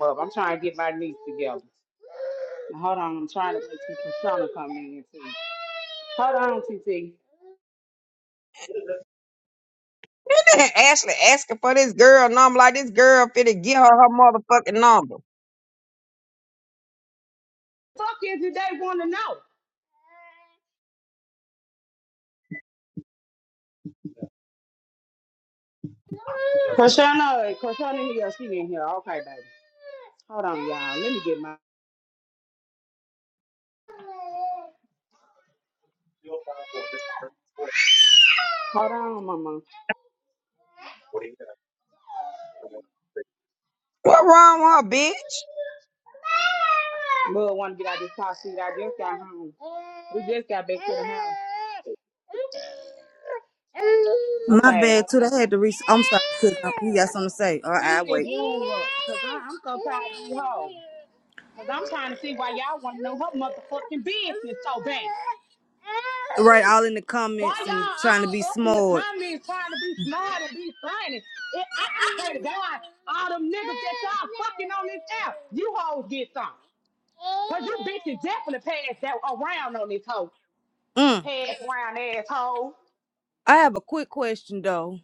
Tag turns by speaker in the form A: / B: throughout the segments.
A: up. I'm trying to get my niece together. Hold on, I'm trying to make till Prashana come in here too. Hold on, T T.
B: Ashley asking for this girl number like this girl finna get her her motherfucking number.
A: Fuck is it they want to know? Prashana, Prashana in here, she in here. Okay, baby. Hold on, y'all. Let me get my. Hold on, mama.
B: What wrong with her, bitch?
A: Mud want to get out this car seat. I just got home. We just got back to the house.
C: My
A: Okay, hold
C: bad
A: on.
C: too. They had to reach. I'm sorry, cause you got something to say. All
A: He
C: right, I
A: is
C: wait.
A: room up, cause I, I'm so tired of these hoes. Cause I'm trying to see why y'all want to know her motherfucking business so bad.
C: Right, all in the
A: Why
C: comments and trying to be
A: y'all all up in the
C: smart.
A: comments trying to be smart and be funny? It, I, I pray to God, all them niggas that y'all fucking on this app, you hoes get some. Cause you bitches definitely passed that around on this hoe.
C: Mm.
A: Pass around asshole.
C: I have a quick question though,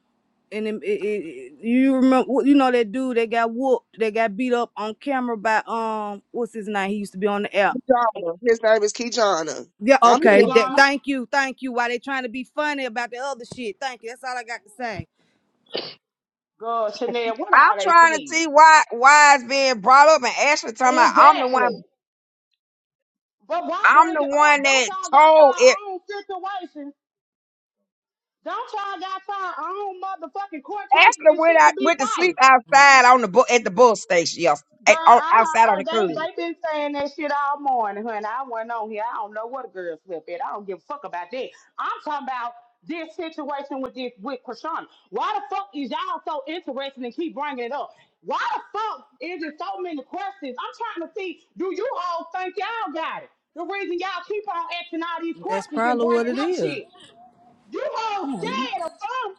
C: and it, it, it, you remember, you know that dude that got whooped, that got beat up on camera by um, what's his name? He used to be on the app.
D: Kijana. His name is Kijana.
C: Yeah,
D: I'm here.
A: He's
C: okay. That,
A: gonna.
C: thank you, thank you. Why they trying to be funny about the other shit? Thank you. That's all I got to say.
A: God, Chanel, what
B: I'm
A: are they
B: trying to
A: saying?
B: see why why it's being brought up, and Ashley talking about I'm the one
A: Exactly. But why
B: I'm
A: bring
B: the
A: it up?
B: one
A: Don't
B: that
A: y'all got
B: told
A: y'all
B: it.
A: own situations? Don't y'all got y'all own motherfucking court cases
B: Ashley
A: and
B: went
A: shit to
B: out
A: be
B: went to
A: fighting?
B: sleep outside on the bu- at the bus station yesterday,
A: Girl,
B: at, on,
A: I,
B: outside on
A: I
B: the curb.
A: they they been saying that shit all morning, honey. I wasn't on here. I don't know what a girl slept at. I don't give a fuck about that. I'm talking about this situation with this with Krishana. Why the fuck is y'all so interested and keep bringing it up? Why the fuck is it so many questions? I'm trying to see. Do you all think y'all got it? The reason y'all keep on asking all these
C: That's
A: questions and
C: probably what it
A: bringing up
C: is.
A: shit. You all scared of fun.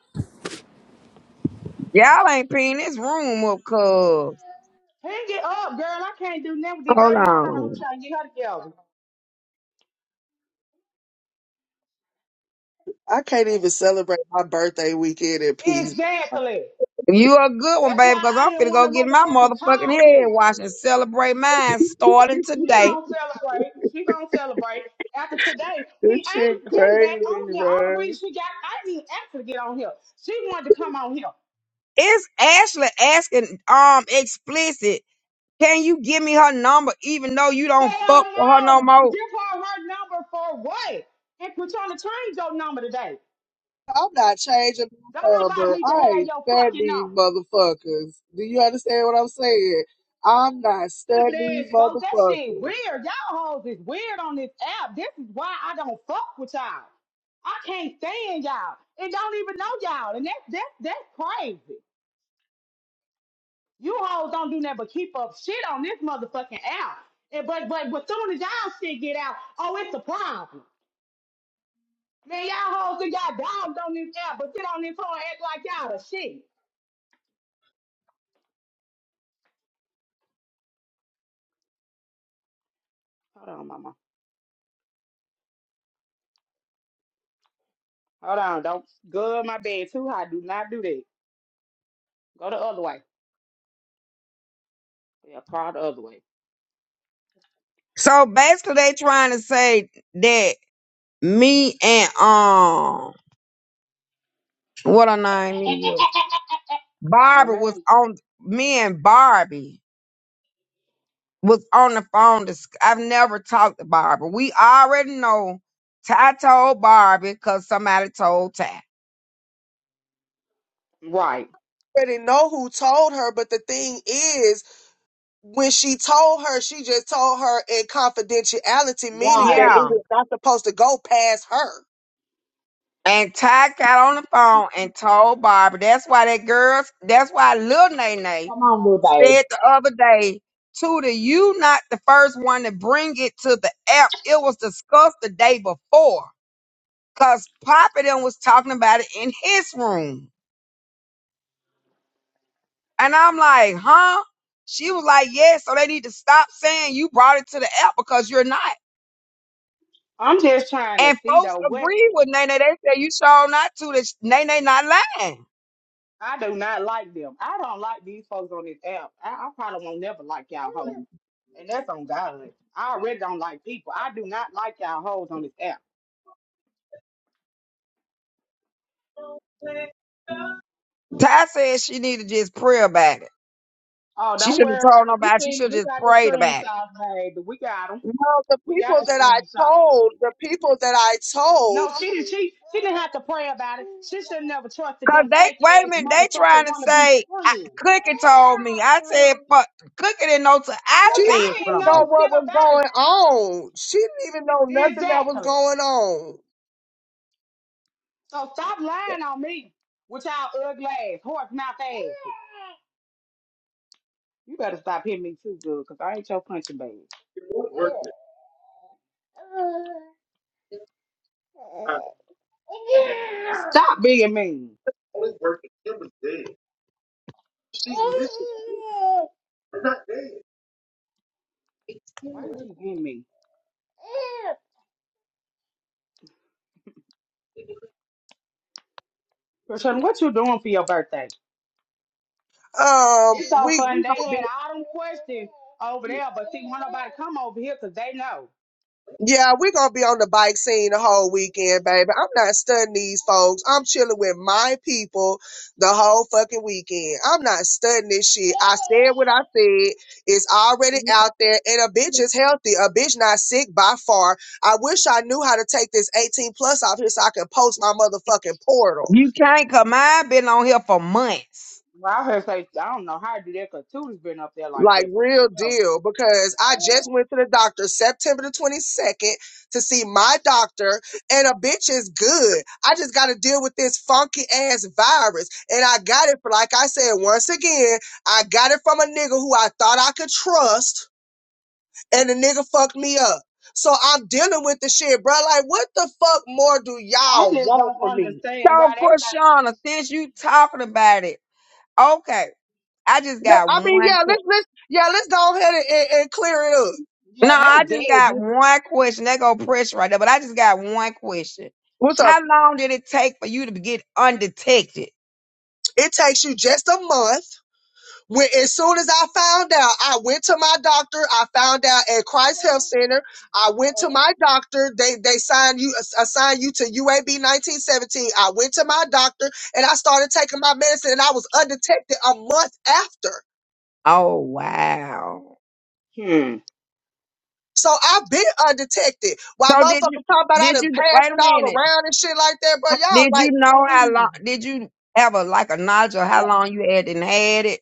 B: Y'all ain't peeing this room up, cuz
A: Hang it up, girl. I can't do nothing with it,
B: hold
A: baby. Hold on. I'm
B: on.
A: trying to get her together.
D: I can't even celebrate my birthday weekend in peace.
A: Exactly.
B: You a good one,
A: That's
B: baby,
A: why
B: because
A: I
B: I'm
A: didn't
B: finna
A: want
B: go
A: to
B: get my
A: motherfucking
B: motherfucking
A: call
B: head
A: you.
B: washed and celebrate mine starting
A: She
B: today
A: gonna celebrate. She gonna celebrate after today. She
D: This shit
A: ain't getting
D: crazy,
A: back on here. All the
D: man.
A: reason she got, I didn't ask her to get on here. She wanted to come on here.
B: Is Ashley asking um explicit, can you give me her number even though you don't
A: Hell
B: fuck with her no
A: no!
B: more?
A: Give her her number for what? And we're trying to change your number today.
D: I'm not changing
A: Don't
D: my
A: nobody
D: number.
A: need to
D: I
A: have
D: ain't
A: your
D: studying
A: fucking
D: these
A: number.
D: motherfuckers. Do you understand what I'm saying? I'm not
A: Stupid
D: studying
A: ass
D: these
A: folks, that shit
D: motherfuckers.
A: weird. Y'all hoes is weird on this app. This is why I don't fuck with y'all. I can't stand y'all and don't even know y'all. And that's that's that's crazy. You hoes don't do nothing but keep up shit on this motherfucking app. And but but but soon as y'all shit get out, oh it's a problem. Man, y'all hoes and y'all dogs on this app, but sit on this phone and act like y'all the shit. Hold on, mama. Hold on, don't go in my bed too high. Do not do that. Go the other way. Yeah, crawl the other way.
B: So basically they trying to say that me and um what her name is
A: No
B: Barbie
A: ma'am.
B: was on me and Barbie was on the phone. Dis- I've never talked to Barbie. We already know Ty told Barbie because somebody told Ty.
A: Right.
D: Already know who told her, but the thing is, when she told her, she just told her in confidentiality, meaning that
A: Right.
B: Yeah.
D: it was not supposed to go past her.
B: And Ty got on the phone and told Barbara. That's why that girls. That's why Lil Nene
A: Come on, little babe.
B: said the other day, Tudor, you not the first one to bring it to the app. It was discussed the day before, cause Papa then was talking about it in his room, and I'm like, huh? She was like, yeah. So they need to stop saying you brought it to the app because you're not.
A: I'm just trying to
B: And
A: see
B: folks
A: though what
B: agreed with Nene. They said you sure not to. That Nene not lying.
A: I do not like them. I don't like these folks on this app. I, I probably won't never like y'all hoes. And that's on God. I already don't like people. I do not like y'all hoes on this app.
B: Ty said she need to just pray about it.
A: Oh,
B: She
A: don't
B: should have
A: worry.
B: told
A: I- We
B: nobody. She
A: seen it.
B: should
A: We
B: have just
A: got the
B: prayed about it.
A: screenshots, baby. We got them.
D: Well, the
A: We got
D: people
A: the
D: that I
A: screenshots.
D: told, the people that I told,
A: No, she didn't. She, she didn't have to pray about it. She should have never trusted
B: Cause
A: them
B: they
A: fake
B: wait a
A: ass
B: minute, they
A: motherfucker
B: trying to
A: wanna be
B: say I,
A: friends.
B: Cookie told me. I said fuck Cookie didn't know till I
D: she
A: Look,
D: didn't
B: said
A: I didn't
D: even know
B: something.
A: know
D: what
A: shit
D: was
A: about
D: going on. She didn't even know
A: it.
D: nothing that was
A: Exactly.
D: going on.
A: So stop lying on me with y'all ugly ass, horse mouth ass. You better stop hitting me too good, cause I ain't your punching bag. Stop being mean. Why did you get me? Krishan, what you doing for your birthday?
D: Um,
A: It's so
D: we
A: fun.
D: we
A: They had
D: gonna be
A: all them questions over there, but see, won't nobody come over here because they know.
D: Yeah, we're gonna be on the bike scene the whole weekend, baby. I'm not studying these folks. I'm chilling with my people the whole fucking weekend. I'm not studying this shit. I said what I said. It's already out there, and a bitch is healthy. A bitch not sick by far. I wish I knew how to take this 18 plus off here so I can post my motherfucking portal.
B: You can't cause mine been on here for months.
A: Well, I heard say, I don't know how to do that because Tootie been up there like
D: Like
A: that for
D: real
A: forever.
D: deal, because I just went to the doctor September the 22nd to see my doctor, and a bitch is good. I just got to deal with this funky ass virus. And I got it, for, like I said, once again, I got it from a nigga who I thought I could trust, and the nigga fucked me up. So I'm dealing with the shit, bro. Like, what the fuck more do
A: I
D: y'all
A: just
D: want
A: don't
D: from me?
B: So
A: understand why they think,
B: Krishana, since you talking about it, okay. I just
D: Like,
B: got
D: I mean,
B: one
D: yeah, let's,
B: que-
D: let's, yeah, let's go ahead and, and, and clear it up.
B: no,
A: yeah,
B: I
A: that's
B: just
A: dead.
B: got one question. That go pressure right there, but I just got one question.
D: What's up?
B: How long did it take for you to get undetected?
D: It takes you just a month When as soon as I found out, I went to my doctor. I found out at Christ Health Center. I went to my doctor. They they signed you ass- assigned you to UAB 1917. I went to my doctor and I started taking my medicine and I was undetected a month after.
B: Oh wow!
D: So I've been undetected. While
B: So did you
D: motherfuckers talking about I
B: did
D: done
B: you
D: passed
B: wait a
D: it all
B: minute?
D: around and shit like that, bro. Y'all
B: Did you
D: like,
B: know how long?
D: please.
B: Did you ever like a knowledge of how long you had and had it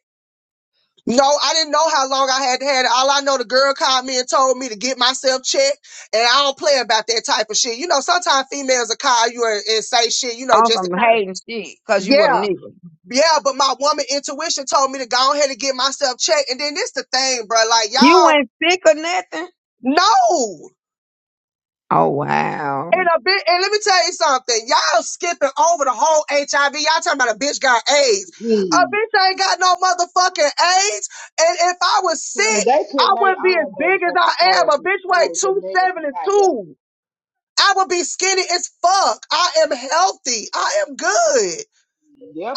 D: No, I didn't know how long I had to have it. All I know, the girl called me and told me to get myself checked, and I don't play about that type of shit. You know, sometimes females will call you and, and say shit, you know,
B: on
D: just
B: some
D: to kind of.
B: hating shit? Cause you would have
D: Yeah,
B: nigga.
D: yeah, but my woman intuition told me to go ahead and get myself checked. And then this the thing, bro. Like,
B: You
D: y'all,
B: were sick or nothing.
D: no.
B: Oh
D: And
B: wow!
D: a bit, and let me tell you something. Y'all skipping over the whole HIV. Y'all talking about a bitch got AIDS. A
A: Hmm.
D: bitch ain't got no motherfucking AIDS. And if I was
A: Honey,
D: sick,
A: they
D: I
A: put their
D: wouldn't be as
A: own
D: big as
A: motherfucking
D: I am.
A: swords
D: A
A: and
D: bitch weigh
A: swords and nails and goddamn.
D: 272. I would be skinny as fuck. I am healthy. I am good.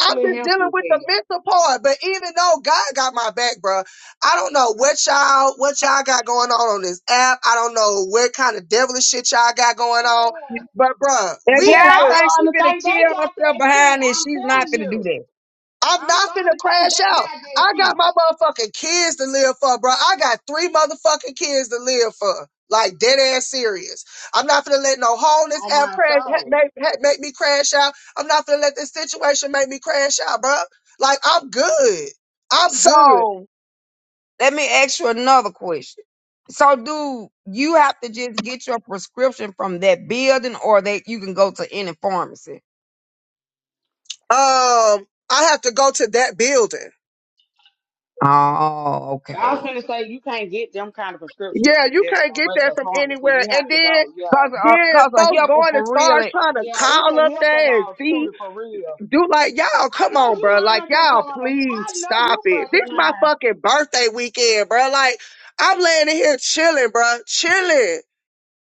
D: I'm just dealing
A: healthy as
D: with the
A: hell.
D: mental part. But even though God got my back, bro, I don't know what y'all what y'all got going on on this app. I don't know what kind of devilish shit y'all got going on. But bro,
B: If
D: we
A: Man,
B: y'all
A: I'm
D: good.
B: think she
A: starting to
B: gonna
A: think they
B: kill
A: got
B: herself
A: that shit.
B: behind this,
A: I'm
B: she's not
A: telling
B: gonna do
A: you.
B: that.
D: I'm
A: I'm
D: not finna
A: starting to think
D: crash
A: they
D: out.
A: got that
D: I got my
A: shit
D: motherfucking kids to live for, bro. I got three motherfucking kids to live for. Like dead ass serious. I'm not finna let no hole in this
A: on
D: app
A: my
D: crash ha-
A: soul.
D: make, ha- make me crash out. I'm not finna let this situation make me crash out, bro. Like I'm good. I'm good.
B: So Let me ask you another question. So, do you have to just get your prescription from that building, or that you can go to any pharmacy?
D: Um, I have to go to that building.
B: Oh,
A: I was
B: okay.
A: gonna say you can't get them kind of prescriptions
D: Yeah,
A: from
D: you
A: just
D: can't
A: a
D: get that
A: regular
D: from
A: pharmacy.
D: anywhere.
A: You
D: And
A: have to
D: then,
A: go, yeah.
B: Cause, uh,
D: then
B: cause a
D: folks
B: helper
D: going as
B: for
D: far as
B: really,
D: trying to
A: Yeah, it's
D: call
A: a
D: up
A: HIPAA
D: there and
A: law
D: see,
A: too, for real.
D: do like y'all,
A: I
D: come
A: know
D: on,
A: you
D: bro. Like
A: lying,
D: y'all,
A: Persona.
D: please
A: I know
D: stop
A: you
D: it.
A: fucking
D: This my
A: lying.
D: fucking birthday weekend, bro. Like I'm laying in here chilling, bro, chilling.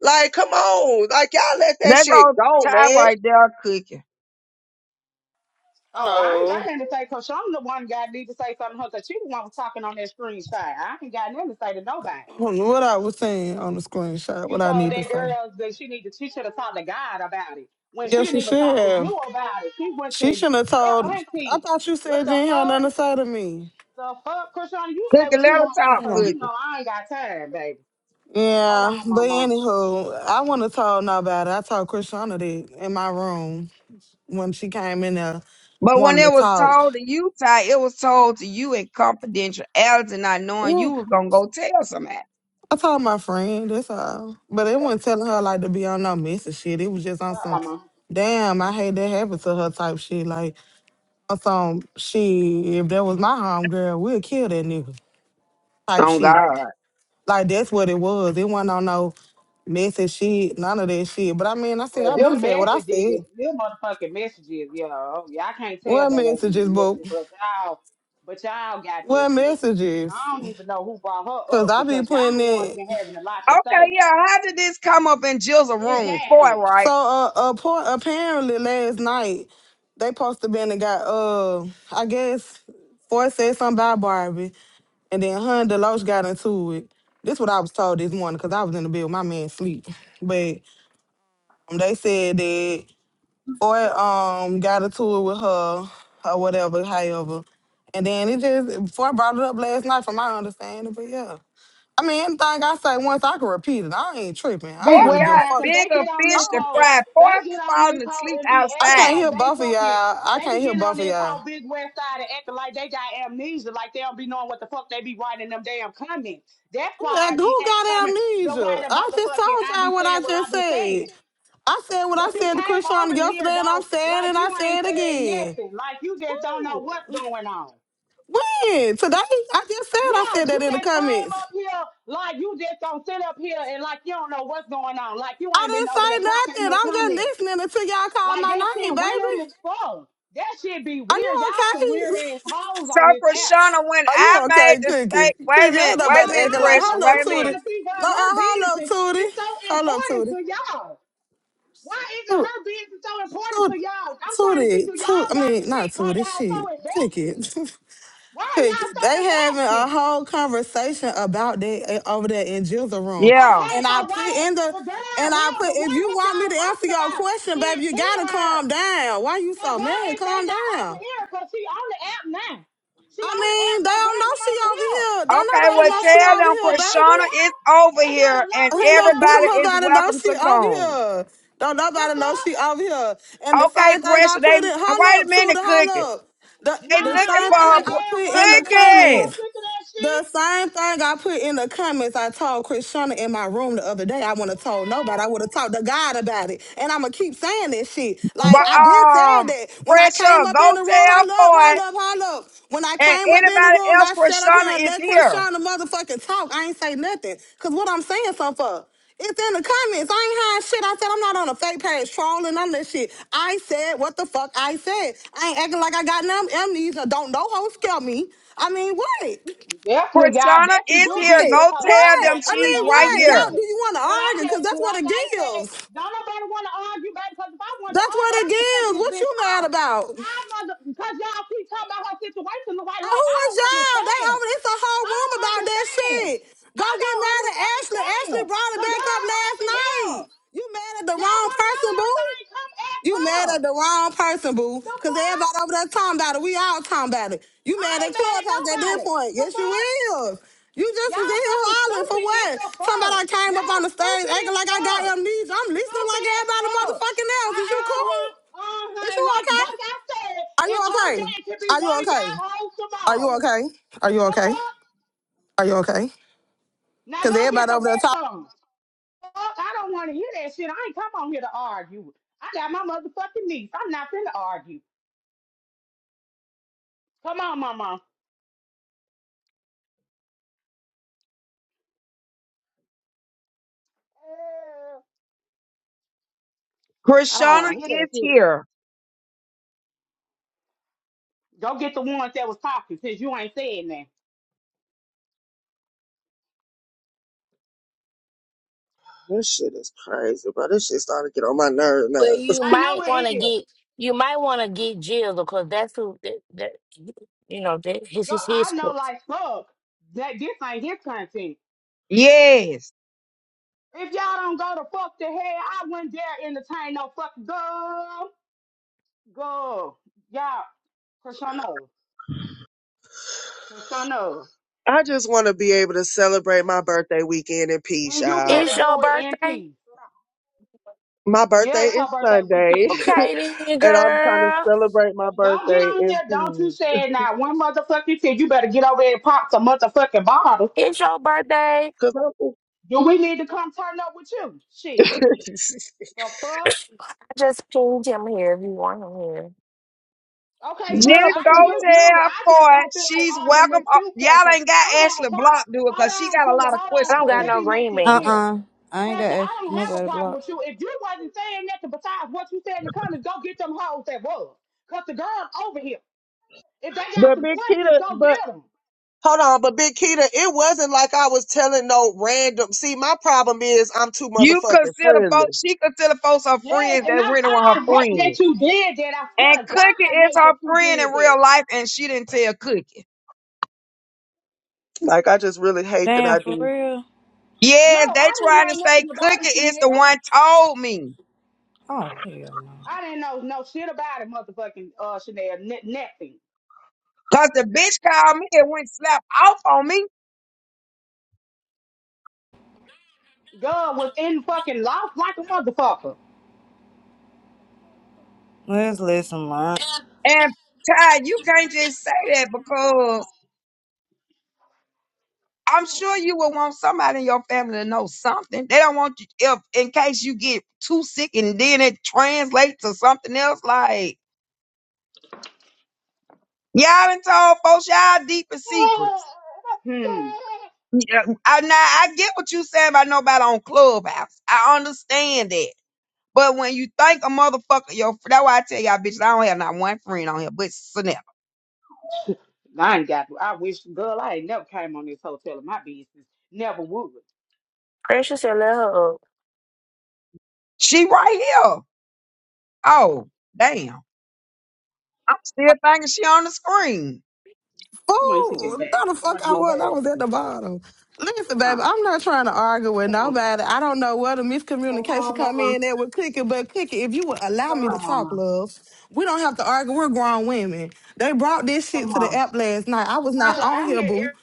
D: Like, come on, like y'all let that
B: that
D: shit
B: go
D: go,
B: tie
D: man.
B: right there, cookie.
A: Oh, I ain't got
E: Hello.
A: nothing to say, Coach. I'm the one got need to say something to her because she the one was talking on that screen screenshot. I ain't got nothing to say to nobody.
E: Hmm, What I was saying on the screenshot, what
A: You
E: I
A: told
E: need to
A: that
E: say.
A: girl that she need to she should have talked to God about it. When she
E: Yeah,
A: didn't
E: she
A: even talk
E: should
A: to you
E: have.
A: about it. She went to
E: She shouldn't have
A: your
E: told. I
A: auntie.
E: thought you
A: What
E: said you
A: the
E: ain't had
A: fuck?
E: nothing to say to me.
A: The fuck, Krishan? You say
B: Cookie,
A: what
B: let
A: you
B: her
A: want to
B: talk,
A: because
E: Yeah,
A: you know
B: cookie.
A: I ain't got time, baby. Hold on,
E: Yeah, but
A: mama.
E: anywho, I wouldn't have told nobody. I told Krishana that in my room when she came in there
B: But when
E: wanting to
B: it was
E: talk.
B: told to you, Ty, it was told to you in confidentiality, not knowing
E: Yeah,
B: you was gonna go tell somebody.
E: I told my friend, that's all. But it wasn't telling her like to be on no message shit. It was just on
A: Bye,
E: some,
A: mama.
E: damn, I hate that happened to her type shit. Like, some shit. If that was my homegirl, we'll kill that nigga type
B: Oh
E: shit.
B: God.
E: Like that's what it was. It wasn't on no messy shit, none of that shit. But I mean, I said
A: Well,
E: I've been
A: them
E: said what I
A: messages,
E: said.
A: them motherfucking messages, yo. Y'all can't tell
E: What
A: they ain't
E: messages,
A: being
E: boo?
A: messy, but y'all, but y'all got
E: What
A: this shit.
E: messages?
A: I don't even know who brought her
E: Cause
A: up
E: I be
A: because
E: putting
A: y'all the ones
E: it.
A: been having a lot to
B: Okay,
A: say.
B: yeah. How did this come up in Jill's room? Four,
A: Exactly.
E: So
B: right?
E: uh, appa- apparently last night they supposed to been and got uh I guess Ford said something about Barbie, and then her and Deloach got into it. This what I was told this morning because I was in the bed with my man sleep. but. Um, They said that or um got a tour with her or whatever, however. And then it just before I brought it up last night from my understanding, but yeah. I mean anything I say once I can repeat it. I ain't tripping. I
B: Four
E: don't
A: Big
E: really
A: West
E: give a
B: got
E: fuck.
A: Africans, they
B: bigger
A: get on
E: I
B: fish
A: this
B: to
E: don't,
A: hoe,
B: fry.
A: they
B: Four
A: get on this
B: falling
A: hoe
B: asleep
A: and be
E: I
A: acting
E: can't
B: outside.
A: like
E: hear
A: they
E: both of y'all.
A: fucking,
E: I
A: they
E: can't
A: be
E: hear
A: getting on
E: both of
A: this
E: y'all.
A: whole Big West side and acting like they got amnesia, like they don't be knowing what the fuck they be writing in them damn comments. That's
E: Who,
A: why
E: like,
A: I be
E: who
A: act-
E: got
A: coming the white
E: amnesia? I just
A: motherfucking,
E: told
A: I
E: y'all
A: be
E: what
A: saying
E: I
A: what
E: just
A: I be saying.
E: said. I said what I
A: But you
E: said to
A: came
E: Krishan
A: over here
E: yesterday, and I'm
A: though,
E: saying
A: like
E: it. I
A: you
E: say
A: ain't
E: it
A: said
E: again.
A: nothing, like you just don't know
E: Who?
A: what's going on.
E: When? Today? I just said I
A: Yeah,
E: said
A: you
E: that in the
A: just came
E: comments.
A: up here like you just don't sit up here and like you don't know what's going on, like you ain't been over there
E: I
A: talking
E: didn't say
A: in
E: nothing.
A: no
E: I'm
A: comment.
E: just listening until y'all call
A: Like
E: my
A: that
E: name,
A: shit weird
E: baby.
A: as fuck. That shit be
E: Are you
A: weird. Y'all some weird
E: okay?
A: ass hoes
B: So
A: on this
B: for
A: app.
B: when
E: Are you
B: I made
E: okay,
B: the steak,
E: Cookie?
B: wait a
E: Cookie,
B: minute,
E: ain't
A: Well,
B: wait a
E: nobody
B: minute,
E: acting
A: no,
E: like,
B: pressure,
A: because
E: hello,
A: I'm
B: wait a
E: Tootie.
A: trying to
B: minute.
A: figure
E: No,
A: out
E: uh,
A: her
E: hello,
A: business.
E: Tootie.
A: It's so
E: Hello,
A: important
E: Tootie.
A: to y'all. Why is it
E: Toot,
A: her business so important to
E: toot,
A: y'all? I'm trying to see
E: Tootie,
A: do
E: Toot,
A: y'all
E: I
A: got your
E: mean, not
A: shit why
E: Tootie,
A: y'all so
E: shit.
A: invested?
E: Cookie.
A: Why are
E: Cookie,
A: y'all so
E: they having
A: invested?
E: a whole conversation about that eh, over there in Jill's room,
B: Yeah.
A: Okay,
E: and
A: so
E: I
A: why
E: put
A: they,
E: in the
A: the girl
E: and I
A: here,
E: put
A: the
E: if
A: one
E: you
A: who
E: want me
A: y'all
E: to answer
A: talking
E: your
A: about
E: question,
A: is
E: baby, you gotta
A: here.
E: calm down. Why you
A: So
E: so
A: why
E: mad?
A: is they
E: Calm
A: not over
E: down.
A: here? Cause she on the app now. She
E: I
A: on the app,
E: mean, they
A: so
E: don't
A: bring
E: know
A: them
E: she
A: over
E: over
A: here.
E: here. Don't
B: Okay,
A: They
E: nobody
B: well
E: know
A: had a
E: she
B: tell
A: lot
E: over
A: to
B: them
A: say
E: here,
A: over
E: baby.
B: Krishana
A: there.
B: is over
A: They got
B: here
A: a lot
B: and
A: to
E: Ain't
A: say
E: no,
A: over
E: don't
B: everybody
A: there.
B: is
E: nobody know
B: welcome
E: she
B: to
E: over
B: come.
E: here. Don't
A: The
E: nobody know
A: fuck?
E: she over here. And the
B: Okay,
E: same thing I
B: pressure, they
E: put in, hold
B: wait a
E: up, to
B: minute,
E: the hold
B: cookie.
E: up. The,
B: They
E: the
A: Nah, you
B: looking
E: same
B: for
A: ain't no
B: her
E: thing I put
A: damn
B: pr-
A: wait
E: in
A: a
E: the
A: minute. I'm so
B: cookie.
E: comments
A: sick of that shit.
E: The same thing I put in the comments, I told Krishna in my room the other day. I wouldn't have told nobody. I would have talked to God about it. And I'm going to keep saying this shit.
A: The
E: Like,
B: But
E: i
A: fuck?
E: been saying
B: um
E: that. When I
B: pressure,
E: came up
B: go
E: in the room,
B: tell
E: hold up,
B: boy
E: hold up, hold up. When I
B: and
E: came up in the
B: anybody
E: room,
B: else
E: I sat up here and
B: Krishana is
E: let
B: here.
E: Krishna motherfucking talk. I ain't say nothing. Because what I'm saying something for. It's in the comments. I ain't hiding shit. I said I'm not on a fake page trolling on this shit. I said what the fuck I said. I ain't acting like I got none amnesia. Don't no hoe scare me. I mean, what?
A: Definitely, y'all
B: Krishana
A: definitely
B: is
A: do be
B: here.
E: What?
A: in this
B: Go
A: whole
B: tell
A: acting
E: What?
B: them
A: like
E: I
A: y'all
E: mean,
B: she's
A: got
B: right
E: what?
B: here.
E: Y'all, do
A: amnesia.
E: you want to
A: But I'm
E: argue? Because
A: just
E: that's what
A: like
E: it
A: I said,
E: gives.
A: don't nobody want to argue, baby. Because if I wanted to
E: That's what
A: argue,
E: it
A: I could set
E: gives.
A: this
E: What you
A: bitch
E: mad
A: off.
E: about?
A: I was because y'all keep talking about her situation the way
E: And
A: like
E: who
A: I
E: is
A: don't
E: y'all? They
A: understand.
E: over it's a whole
A: I
E: room
A: don't
E: about that
A: understand.
E: shit. Go
A: I
E: get
A: don't
E: mad at Ashley. Ashley
A: understand.
E: brought it
A: The
E: back up
A: girl
E: last
A: over here,
E: night. You mad at the
A: y'all
E: wrong
A: want to know
E: person, boo?
A: everything? Come ask
E: You
A: her.
E: mad at the wrong person, boo.
A: The
E: Cause
A: fuck?
E: everybody over there talking about it. We all talking about it. You
A: I
E: mad at
A: ain't mad at
E: Clubhouse at this
A: nobody.
E: point.
A: The
E: Yes, you
A: fuck?
E: is. You just
A: Y'all
E: was in here
A: fucking
E: hollering for
A: stupid as
E: what?
A: the
E: Somebody I
A: fuck.
E: came up
A: Y'all
E: on the stage
A: stupid
E: acting
A: as
E: like I
A: fuck.
E: got amnesia. I'm listening like
A: Stupid as
E: everybody
A: fuck.
E: motherfucking
A: I Uh
E: else. Is you cool?
A: huh, uh
E: Is
A: huh.
E: you
A: And like,
E: okay?
A: like I said,
E: Are you
A: it's her day.
E: okay?
A: It could be
E: Are
A: one
E: you
A: of
E: okay?
A: y'all hoes
E: Are you
A: tomorrow.
E: okay? Are you
A: The
E: okay?
A: fuck?
E: Are you okay?
A: Now
E: Cause
A: go get
E: everybody
A: the
E: over there talking.
A: rest of 'em. Fuck, I don't want to hear that shit. I ain't come on here to argue. I got my motherfucking niece. I'm not finna argue. Come on, mama. I don't
B: Krishana
A: want to hear that
B: is
A: shit.
B: here.
A: Go get the ones that was talking since you ain't saying that.
D: This shit is crazy, bro. This shit starting to get on my nerves now.
F: Well, you
A: I
F: might
A: know
F: want
A: it
F: to
A: is.
F: get you might want to get Jill because that's who that, that you know that his
A: Girl,
F: his
A: I
F: his
A: know
F: course.
A: like fuck that this ain't his content.
B: Yes.
A: If y'all don't go to fuck the hell, I wouldn't dare entertain no fucking girl. Girl. Y'all, Krishano. Krishano.
D: I just want to be able to celebrate my birthday weekend in peace,
A: And you
D: y'all.
F: It's
A: finna
F: your
A: do it in
F: birthday,
A: peace.
D: My
A: Yeah,
D: birthday
A: it's her
D: is
A: birthday
D: Sunday,
A: weekend.
F: okay then,
D: and I'm trying to
F: girl.
D: celebrate my
A: Don't get
D: birthday
A: on
D: in
A: here. Don't you
D: peace.
A: say it now. One motherfucking thing. You better get over there and pop some motherfucking bottle.
F: It's your birthday.
D: Cause I'm,
A: Do we need to come turn up with you? Shit. The
F: I
A: fuck?
F: just pinged him here if you want him here.
A: Okay,
B: Just
D: yeah,
A: Preston, I
B: go
D: because
A: give
D: I'm,
A: you.
B: tell
A: I just
B: Foy
A: don't feel like
B: she's
A: arguing
B: welcome.
A: with
B: Uh,
A: you,
B: y'all
A: Preston.
B: ain't
A: I
B: got
A: don't have a
B: Ashley
A: problem.
B: Block do it
A: Hold
B: because she
A: on,
B: got a
A: Tudor.
B: lot of
A: Hold
F: I
A: on,
B: questions
F: don't
A: because
F: got
B: for
A: let
B: her.
F: no
A: me make
F: green
A: this
C: Uh
F: bean.
A: clear.
C: uh I ain't got
A: Preston, I
C: ask
A: don't have a
C: nobody to
A: problem
C: block.
A: with you. If you wasn't saying nothing besides what you said in the comments, go get them hoes that was. Because the girls over here, if they got
D: but
A: some
D: Big
A: questions,
D: Kita,
A: go
D: but
A: get them.
D: hold on, but Big Kita, it wasn't like I was telling no random. See, my problem is I'm too
B: You
D: motherfucking
B: consider
D: friendly.
B: folks, she consider folks her
A: Yes,
B: friends
A: and I,
B: that really with her
A: I, I hate
B: friends.
A: that you did that. I swear
B: And
A: to God,
B: Cookie
A: I
B: is
A: hate
B: her
A: that you
B: friend in
A: did that.
B: real life and she didn't tell Cookie.
D: Like I just really hate that
C: Damn,
D: I
C: for
D: do.
C: real?
A: No,
B: Yes, they
A: I didn't
B: trying
A: know
B: to say
A: nothing about it,
B: Cookie is
A: Chanel.
B: the one told me.
C: Oh, hell no.
A: I didn't know no shit about it, motherfucking uh, Chanel. N- nothing.
B: Cause the bitch called me and went slap off on me.
A: God was in fucking lost like a motherfucker.
C: Let's listen, man.
B: And Ty, you can't just say that because I'm sure you will want somebody in your family to know something. They don't want you if in case you get too sick and then it translates to something else. Like y'all done told folks y'all deepest secrets.
A: Hmm.
B: Yeah, I, now I get what you saying about nobody on Clubhouse. I understand that. But when you think a motherfucker, your that's why I tell y'all bitches, I don't have not one friend on here, but Sanel.
A: I ain't got. I wish, girl, I ain't never came on this hotel in my business. Never would.
F: Precious said, "Let her up."
B: She right here. Oh, damn. I'm still thinking she on the screen.
A: Come on, you can get a
E: Fool,
A: bath.
E: no the
A: You
E: fuck
A: want
E: I
A: to get a
E: was. I
A: bath?
E: was at the bottom. Listen,
A: Come on.
E: baby, I'm not trying to argue with
A: Come on.
E: nobody. I don't know where the
A: Come
E: miscommunication
A: on,
E: come
A: mama.
E: in there with Cookie, but Cookie, if you would allow
A: Come
E: me to
A: on,
E: talk,
A: mama.
E: love, we don't have to argue. We're grown women. They brought this shit
A: Come
E: to the
A: on.
E: app last night. I was not
A: Russia,
E: on
A: I
E: here,
A: hear every.
E: boo.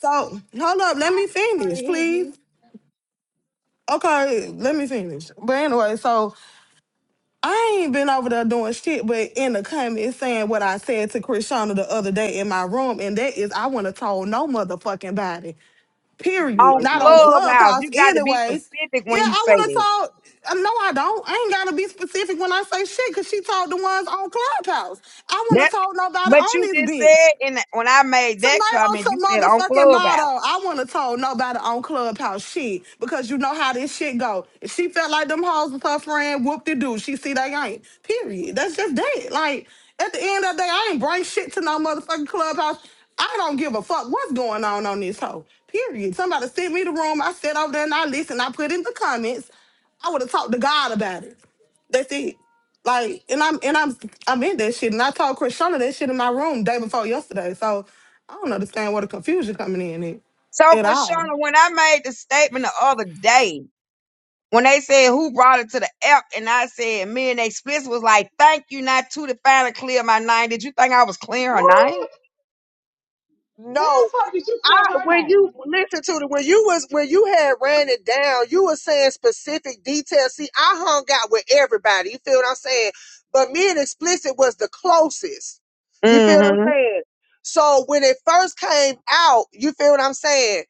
E: So hold up, let me
A: I
E: finish,
A: already hear
E: please.
A: you.
E: Okay, let me finish. But anyway, so I ain't been over there doing shit, but in the comments saying what I said to Krishana the other day in my room, and that is I want to told no motherfucking body.
A: You
E: Period.
B: on
A: break
E: Not
A: my neck.
E: on
B: Clubhouse.
E: Clubhouse,
B: You got to be
E: anyways.
B: specific
E: Yeah,
B: when you
E: I
B: say
E: want to
B: that.
E: talk. uh, No, I don't. I ain't gotta be specific when I say shit, cause she told the ones on Clubhouse. I want
B: That,
E: to talk nobody
B: but you
E: on this
B: just
E: bitch.
B: said in the, when I made that
E: Tonight on
B: comment, you
E: some
B: said on
E: motherfucking
B: Clubhouse.
E: motto, I wouldn't have told nobody on Clubhouse shit because you know how this shit go. If she felt like them hoes was her friend, whoop de doo. She see they ain't. Period. That's just that. Like at the end of the day, I ain't bring shit to no motherfucking Clubhouse. I don't give a fuck what's going on on this hoe. Period. Somebody sent me the room. I sat over there and I listened. I put in the comments. I would have talked to God about it. That's it. Like, and I'm and I'm I'm in that shit, and I told Krishana that shit in my room day before yesterday. So I don't understand where the confusion coming in
B: So,
E: at, at all.
B: Krishana, when I made the statement the other day, when they said who brought it to the app, and I said me and they Splits was like, "Thank you, not to to finally clear my name." Did you think I was clear her name?
A: Now how
D: No,
A: the fuck did you clear
D: I
A: her
D: when you
A: name?
D: listen to the when you was when you had ran it down, you were saying specific details. See, I hung out with everybody. You feel what I'm saying? But me and explicit was the closest. You feel what I'm
B: Mm-hmm.
D: saying? So when it first came out, you feel what I'm saying?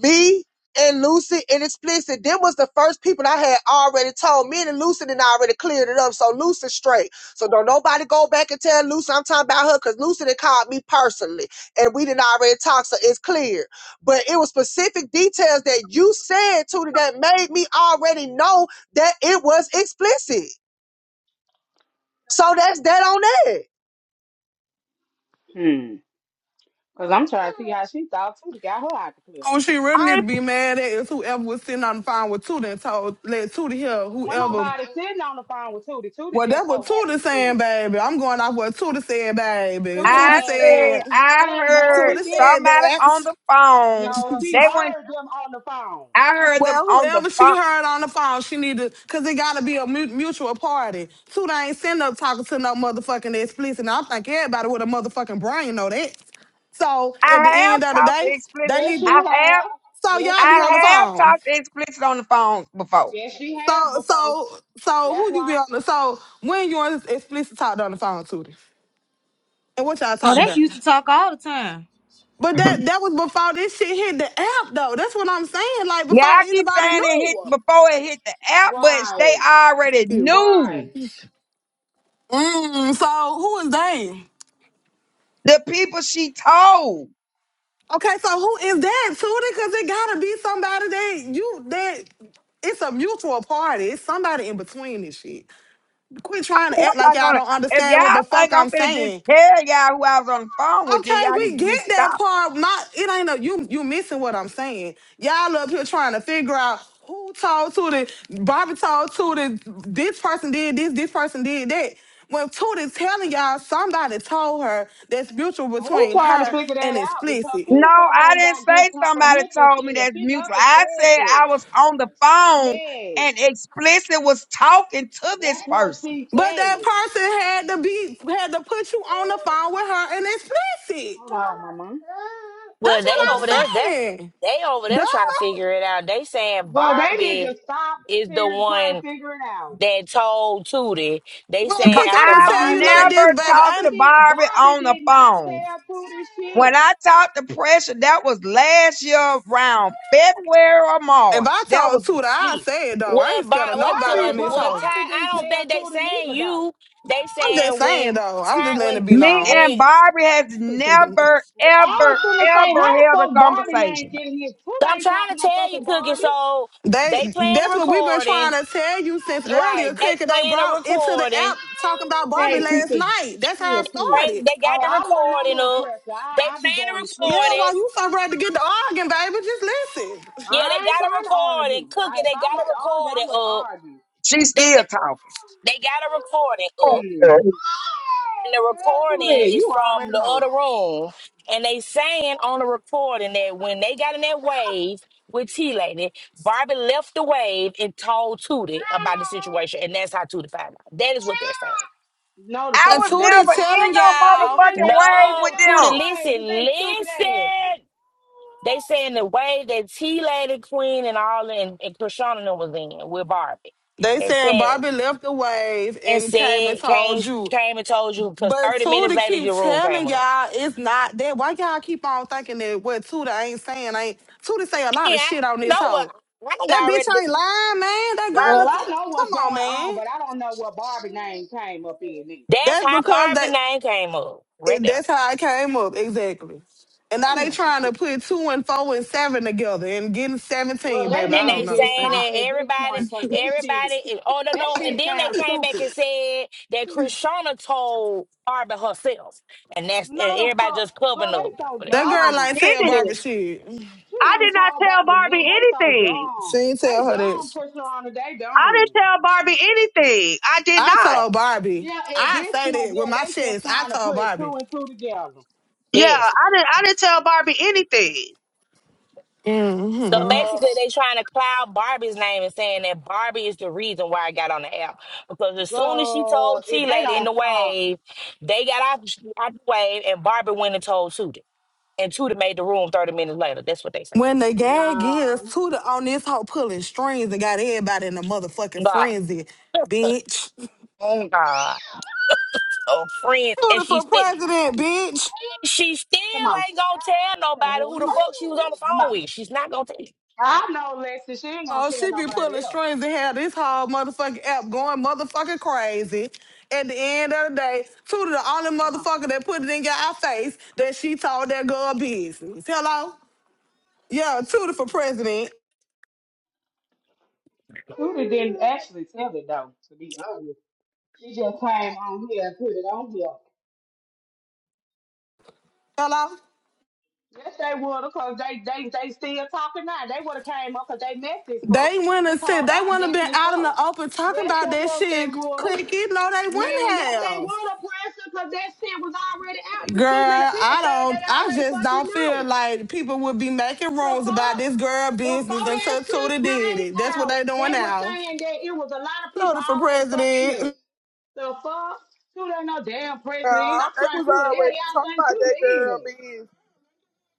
D: me and Lucy and Explicit, them was the first people I had already told. Me and Lucy and I already cleared it up. So Lucy straight. So don't nobody go back and tell Lucy I'm talking about her because Lucy done called me personally and we didn't already talk. So it's clear. But it was specific details that you said to that made me already know that it was explicit. So that's that on that.
A: Hmm. Cause I'm trying to see how she thought Tootie got her out the clip.
E: Who she really
D: I
E: need to
D: ain't
E: be mad at is whoever was sitting on the phone with Tootie and told let Tootie hear
A: Wasn't
E: whoever.
A: nobody sitting on the phone with Tootie. Tootie
E: Well,
A: just
E: that's what
A: so
E: Tootie
A: happy Tootie.
E: saying, baby. I'm going off what Tootie said, baby.
A: Who the
B: I
E: Tootie
A: ass out?
B: said
E: said.
B: I
A: That no,
B: heard
A: she
E: Tootie
A: did.
B: somebody on
E: said
B: the phone.
A: No,
E: that.
A: she
B: They went.
A: heard them on the phone.
B: I heard them
E: Well,
B: on the
E: whoever she
B: phone.
E: heard on the phone, she need to, cause it gotta be a mu- mutual party. Two, they ain't sitting up talking to no motherfucking explicit. And I think everybody with a motherfucking brain know that. So at the
B: I have
E: end of the
B: talked to
E: day,
B: explicit.
E: they
A: Yes,
E: need. To,
A: she
B: I have
A: have.
E: so
A: Yes,
E: y'all
A: she
E: be on the
B: I
A: have.
B: have
E: phone.
B: talked to explicit on the phone before.
A: Yes, she have
E: So
A: before.
E: so so
A: That's
E: who you be
A: why.
E: on the? So when you and explicit talked on the phone, Tootie, and what y'all
C: Oh,
E: talked
C: they
E: about?
C: used to talk all the time.
E: But that that was before this shit hit the app though. That's what I'm saying. Like
B: Yeah,
E: before
B: I keep
E: anybody
B: saying it hit
E: knew.
B: before it hit the app, but they
A: Right.
B: already
E: Excuse me.
B: knew
A: Right.
E: Mm, so who is they?
B: the people she told.
E: Okay, so who is that Tootie? Because it gotta be somebody that you that it's a mutual party. It's somebody in between this shit. Quit trying
B: If
E: to act like
B: y'all
E: y'all
B: gonna-
E: don't
B: if
E: understand what
B: y'all
E: the fuck
B: think I'm
E: I'm
B: gonna just
E: saying.
B: tell y'all who I was on the phone with, then
E: Okay,
B: y'all need
E: we
B: to just
E: get
B: stop.
E: that part. My it ain't a you you missing what I'm saying. Y'all up here trying to figure out who told Tootie, Barbie told Tootie, this person did this, this person did that. When Tootie's telling y'all somebody told her that's mutual
A: Who
E: between
A: trying to
E: her
A: figure
E: and
A: that out? Because
E: explicit.
A: who
B: No,
A: the fuck
B: I
A: ain't
B: didn't
A: got good
B: say somebody
A: comprehension
B: told me
A: skills?
B: that's
A: She
B: mutual.
A: never
B: I
A: said
B: said
A: this.
B: I was on the phone
A: Yeah.
B: and explicit was talking to this
A: That's what
B: person.
A: she
E: But that
A: said.
E: person had to be had to put you on the phone with her and express it.
A: Hold on, mama.
E: That's
F: Well,
E: what
F: they
A: Hold
F: over
A: on.
F: there.
E: I'm
F: That's
E: saying.
F: they over
E: Duh.
F: there trying to figure it out. They saying
A: Well, they need to
F: Barbie
A: stop
F: is the
A: figuring, trying to
F: one
A: figure it out.
F: that told Tootie. They
E: Well,
B: But
F: saying
E: Kick, I'm
F: after
E: gonna
B: I've
E: tell you
A: Barbie
F: Barbie.
E: like
A: did
E: this,
B: never
E: baby.
B: talked
E: I,
A: Barbie
B: to
A: did
B: Barbie
A: Barbie
B: on the
A: did not
B: phone.
A: tell Pootie shit.
B: When I talked to Pressure, that was last year around February or
E: if I
B: March. That
E: told
B: was
E: Tuda, I
B: it.
E: say it though. I
F: Well,
E: ain't scared
F: by
E: of
F: what so
E: nobody
A: Barbie,
F: what,
E: on this
A: but
F: well,
E: hoe.
F: Ty,
A: Barbie
F: I
A: didn't
F: don't
A: tell
F: think they
A: Pootie
F: saying
A: neither though.
F: you. They
E: I'm just
F: saying
E: saying
F: when
E: though. I'm
F: Ty
E: just letting it
F: when
E: be
B: Me
E: known.
B: and
F: when
B: Barbie has never,
A: I was
B: ever,
A: gonna say, how
B: ever
A: the
B: held a
A: fuck Barbie name
B: conversation.
A: getting his Pootie
F: I'm
A: ain't
F: trying to
A: talking no
F: tell you,
A: fucking
F: Cookie.
A: Barbie.
F: So they
E: They
F: playing a
E: that's what we've been trying
F: recording.
E: to tell you since
F: You right?
E: earlier,
F: They
E: Kick. and They
F: playing a
E: brought it to the
F: recording.
E: app talking about Barbie
A: Hey, T
E: last
A: T,
E: night. That's how
A: chill,
E: it
A: chill.
F: Bring
E: started.
F: they
A: Oh,
F: got the
A: I wasn't on
F: recording
A: there,
F: up.
A: Pressure.
F: They
A: I I be
F: playing a
A: going to
E: Yeah,
A: sleep,
F: recording.
A: baby.
E: while you so ready to get the arguing, baby, just listen.
F: Yeah, they
A: I ain't
F: got a
A: trying to
F: recording.
A: argue.
F: Cookie,
A: I, if
F: they
A: I
F: got a
A: wanted to argue, I
F: recording
A: would have
F: up.
A: argued.
B: She's
F: They
B: still
F: got
B: talking.
F: they got a recording up.
A: Hmm.
B: Yeah.
F: And the recording
A: Pootie,
F: is
A: you
F: from
A: already
F: the other
A: know.
F: room. And they saying on the recording that when they got in that wave with T Lady, Barbie left the wave and told Tootie about the situation. And that's how Tootie found out. That is what they're saying.
A: No, the
B: I
E: And
A: fuck,
B: was
A: they
E: Tootie
B: never
A: was
B: in
E: telling
B: no
A: You
E: y'all,
A: were
B: motherfucking
A: never in
B: way
A: the
B: with
F: No, Tootie,
B: them.
A: damn waves
F: listen,
A: with they stupid asses.
F: listen. They saying the wave that T Lady Queen and all and, and Krishna and them was in with Barbie.
E: they
F: They
E: saying
F: said
E: Barbie left the wave
F: and
E: and came and
F: said
E: told
F: came
E: you.
F: came and told you because
E: But
F: 30 minutes
E: Tootie
F: later
E: keep
F: your room came
E: telling
F: up.
E: y'all it's not that. Why y'all keep on thinking that what Tootie ain't saying ain't Tootie say a
F: Yeah,
E: lot of
F: I
E: shit on this
F: know what
E: hoe.
F: I can
E: That bitch
F: already def-
E: ain't lying, man. That
F: right.
E: girl
A: Well,
E: is
A: I know what's
E: come
A: going
E: on,
A: on,
E: man.
A: but I don't know what Barbie name came up in it.
F: That's
E: That's
F: how
E: because
F: Barbie
E: that
F: name came up. Right
E: it-
F: there.
E: that's how I came up, exactly. And now
A: Oh,
E: they trying to
A: shit.
E: put two and four and seven together and getting
A: Well,
E: 17,
A: they
E: baby.
F: And
E: I
A: need to
F: they
E: don't
A: just
F: saying
A: stop
E: understand.
F: that
A: at this
F: everybody,
A: point because this shit,
F: everybody, is- oh no,
A: that
F: no. And
A: shit
F: then they
A: sounds
F: came back
A: stupid.
F: and said that Krishna told Barbie herself, and that's
A: No,
F: and
A: the
F: everybody
A: fuck,
F: just
A: bro,
F: covering
A: they
F: up
A: so
F: for
D: No,
F: that.
E: That girl
A: dumb.
E: ain't
D: I
E: tell Barbie
D: didn't.
E: shit.
A: She
D: I
A: ain't
D: did not
A: told
D: tell
A: Barbie
D: Barbie
A: nothing. They so
D: anything.
E: She
A: dumb.
E: ain't
A: They
E: tell her that.
A: dumb pushing her on it. They
D: I
A: dumb.
D: didn't tell Barbie anything. I did
E: I
D: not.
E: told Barbie.
A: Yeah, at
E: I
A: this
E: say
A: point,
E: that with
A: yeah,
E: my
A: they just
E: chest. I
A: trying to
E: told
A: put
E: Barbie.
A: two and two together.
D: Yeah,
F: Yes.
D: I didn't. I didn't tell Barbie anything.
E: hmm
F: So
A: Uh,
F: basically, they trying to cloud Barbie's name and saying that Barbie is the reason why I got on the app because as soon as she
A: Go
F: told
A: if
F: T
A: they
F: Lady in the
A: don't come,
F: wave, they got out, out the wave, and Barbie went and told Tootie. and two that made the room 30 minutes later. That's what they saying.
E: When the gag is
A: no.
E: to the on this hoe pulling strings and got everybody in a motherfucking
F: God.
E: frenzy, bitch.
F: Oh God. Oh friends. And
E: Tuda
F: she
E: for
F: still
E: president, bitch.
F: she still
A: Come on.
F: ain't gonna tell
A: Come
F: nobody who the
A: on.
F: fuck she was on the
A: Come
F: phone
A: on.
F: with. She's not gonna tell
A: I know Lexi, she ain't gonna
E: Oh,
A: tell
E: she be
A: nobody
E: pulling
A: else.
E: strings and have this whole motherfucking app going motherfucking crazy. At the end of the day, Tuda the only
A: Come on.
E: motherfucker that put it in our face that she told that girl business. Hello? Yeah, Tuda for president.
A: Tootie didn't actually tell it though, to be honest. She just came on here and put it on here.
E: Hello?
A: Yes, they would, because they, they, they still talking now. They would have came up because they messy as fuck.
E: They wanna
A: This whole
E: sit. They
A: app
E: wanna been
A: messy as
E: out in
A: fuck.
E: the open talking
A: Yes, the
E: about that
A: fuck they
E: shit.
A: would have.
E: Click it, no, they wouldn't
A: Man, yes, they
E: have.
A: would oppress her because that shit was already out. It was
E: Girl,
A: too many people
E: I
A: saying they
E: don't. I
A: already
E: just
A: fucking
E: don't
A: knew.
E: feel like people would be making
A: The
E: rooms about
A: fuck?
E: this girl business
A: Before that
E: until
A: shit
E: Tuda did
A: came
E: it. That's what
A: out,
E: they doing
A: they were
E: now.
A: saying that it was a lot of people
E: Tuda for
A: already fucking knew.
E: president.
A: The fuck? Shoot ain't no damn president.
G: Now,
A: I'm
G: they
A: trying to
G: was
A: shoot the hell
G: already
A: y'all
G: talking
A: think
G: about
A: shoot
G: that girl
A: is.
G: being,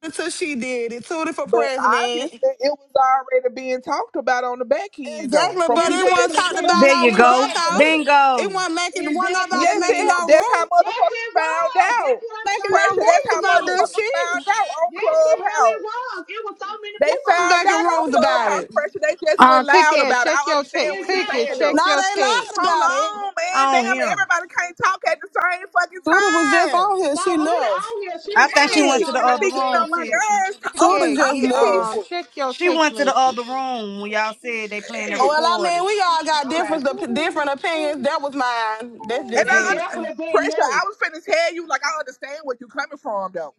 E: Until she did it. Tuda for
G: but
E: president.
G: obviously it was already being talked about on the back end though,
E: Exactly,
G: from
E: but it
G: people that
E: wasn't
A: Exactly,
G: she
E: talked about
A: Kingdom.
C: There
G: trusted.
E: on
C: you go.
A: Exactly.
E: Clubhouse. It
C: Bingo.
E: wasn't making. Wasn't
A: Exactly,
E: nobody
G: Yes,
E: making
A: Kingdom.
G: it,
E: no
G: that's how
E: room.
A: Yes,
G: motherfuckers
A: it
G: found
A: was. That's
G: out.
A: what I'm
E: Making
A: trying
E: no
A: to
G: Pressure, that's
E: rooms
G: how
E: about
A: tell
E: that
A: you.
G: motherfuckers
E: shit.
G: found out on
A: Yes, the hell it
G: Clubhouse.
A: was. It was so many
G: They
E: Who was
G: found
E: making
G: out on
E: rooms
A: people
E: about
A: already talking about
G: Clubhouse
E: it?
G: pressure. They just
H: Uh,
G: went loud
H: cookie,
G: about it.
H: check
G: I
H: your
G: understand
H: text.
A: it.
G: what you're
H: Cookie,
G: saying
H: check
G: though.
E: No,
A: Exactly.
H: your
E: they
H: text.
E: lied
G: Hold
E: about it.
G: on, man.
I: on
G: Damn,
I: him.
G: everybody can't talk at the same fucking
E: Tuda was just
G: time.
E: on here.
A: No,
E: She
A: Tootie
E: left.
A: on here,
C: I
A: she
C: think she
A: probably
C: went
A: went
G: Shit,
C: to the
A: over
G: y'all
A: there
C: other
G: be
A: to
G: getting
A: that
C: room,
G: on my
C: sis.
A: room.
G: nerves over
E: Tuda
H: Cookie,
E: just
H: get
G: talking
H: um,
E: left.
G: people.
H: check your
C: She
H: text
C: went to the
H: message.
C: other room when y'all said they playing that
E: Oh, Well, I
C: recording.
E: mean, we all got
A: Okay.
E: different different opinions. That was mine. That's
G: And
E: just
A: They
G: I
E: it.
G: un-
A: definitely didn't
G: pressure.
A: know.
G: I was finna tell you, like I understand where you coming from though,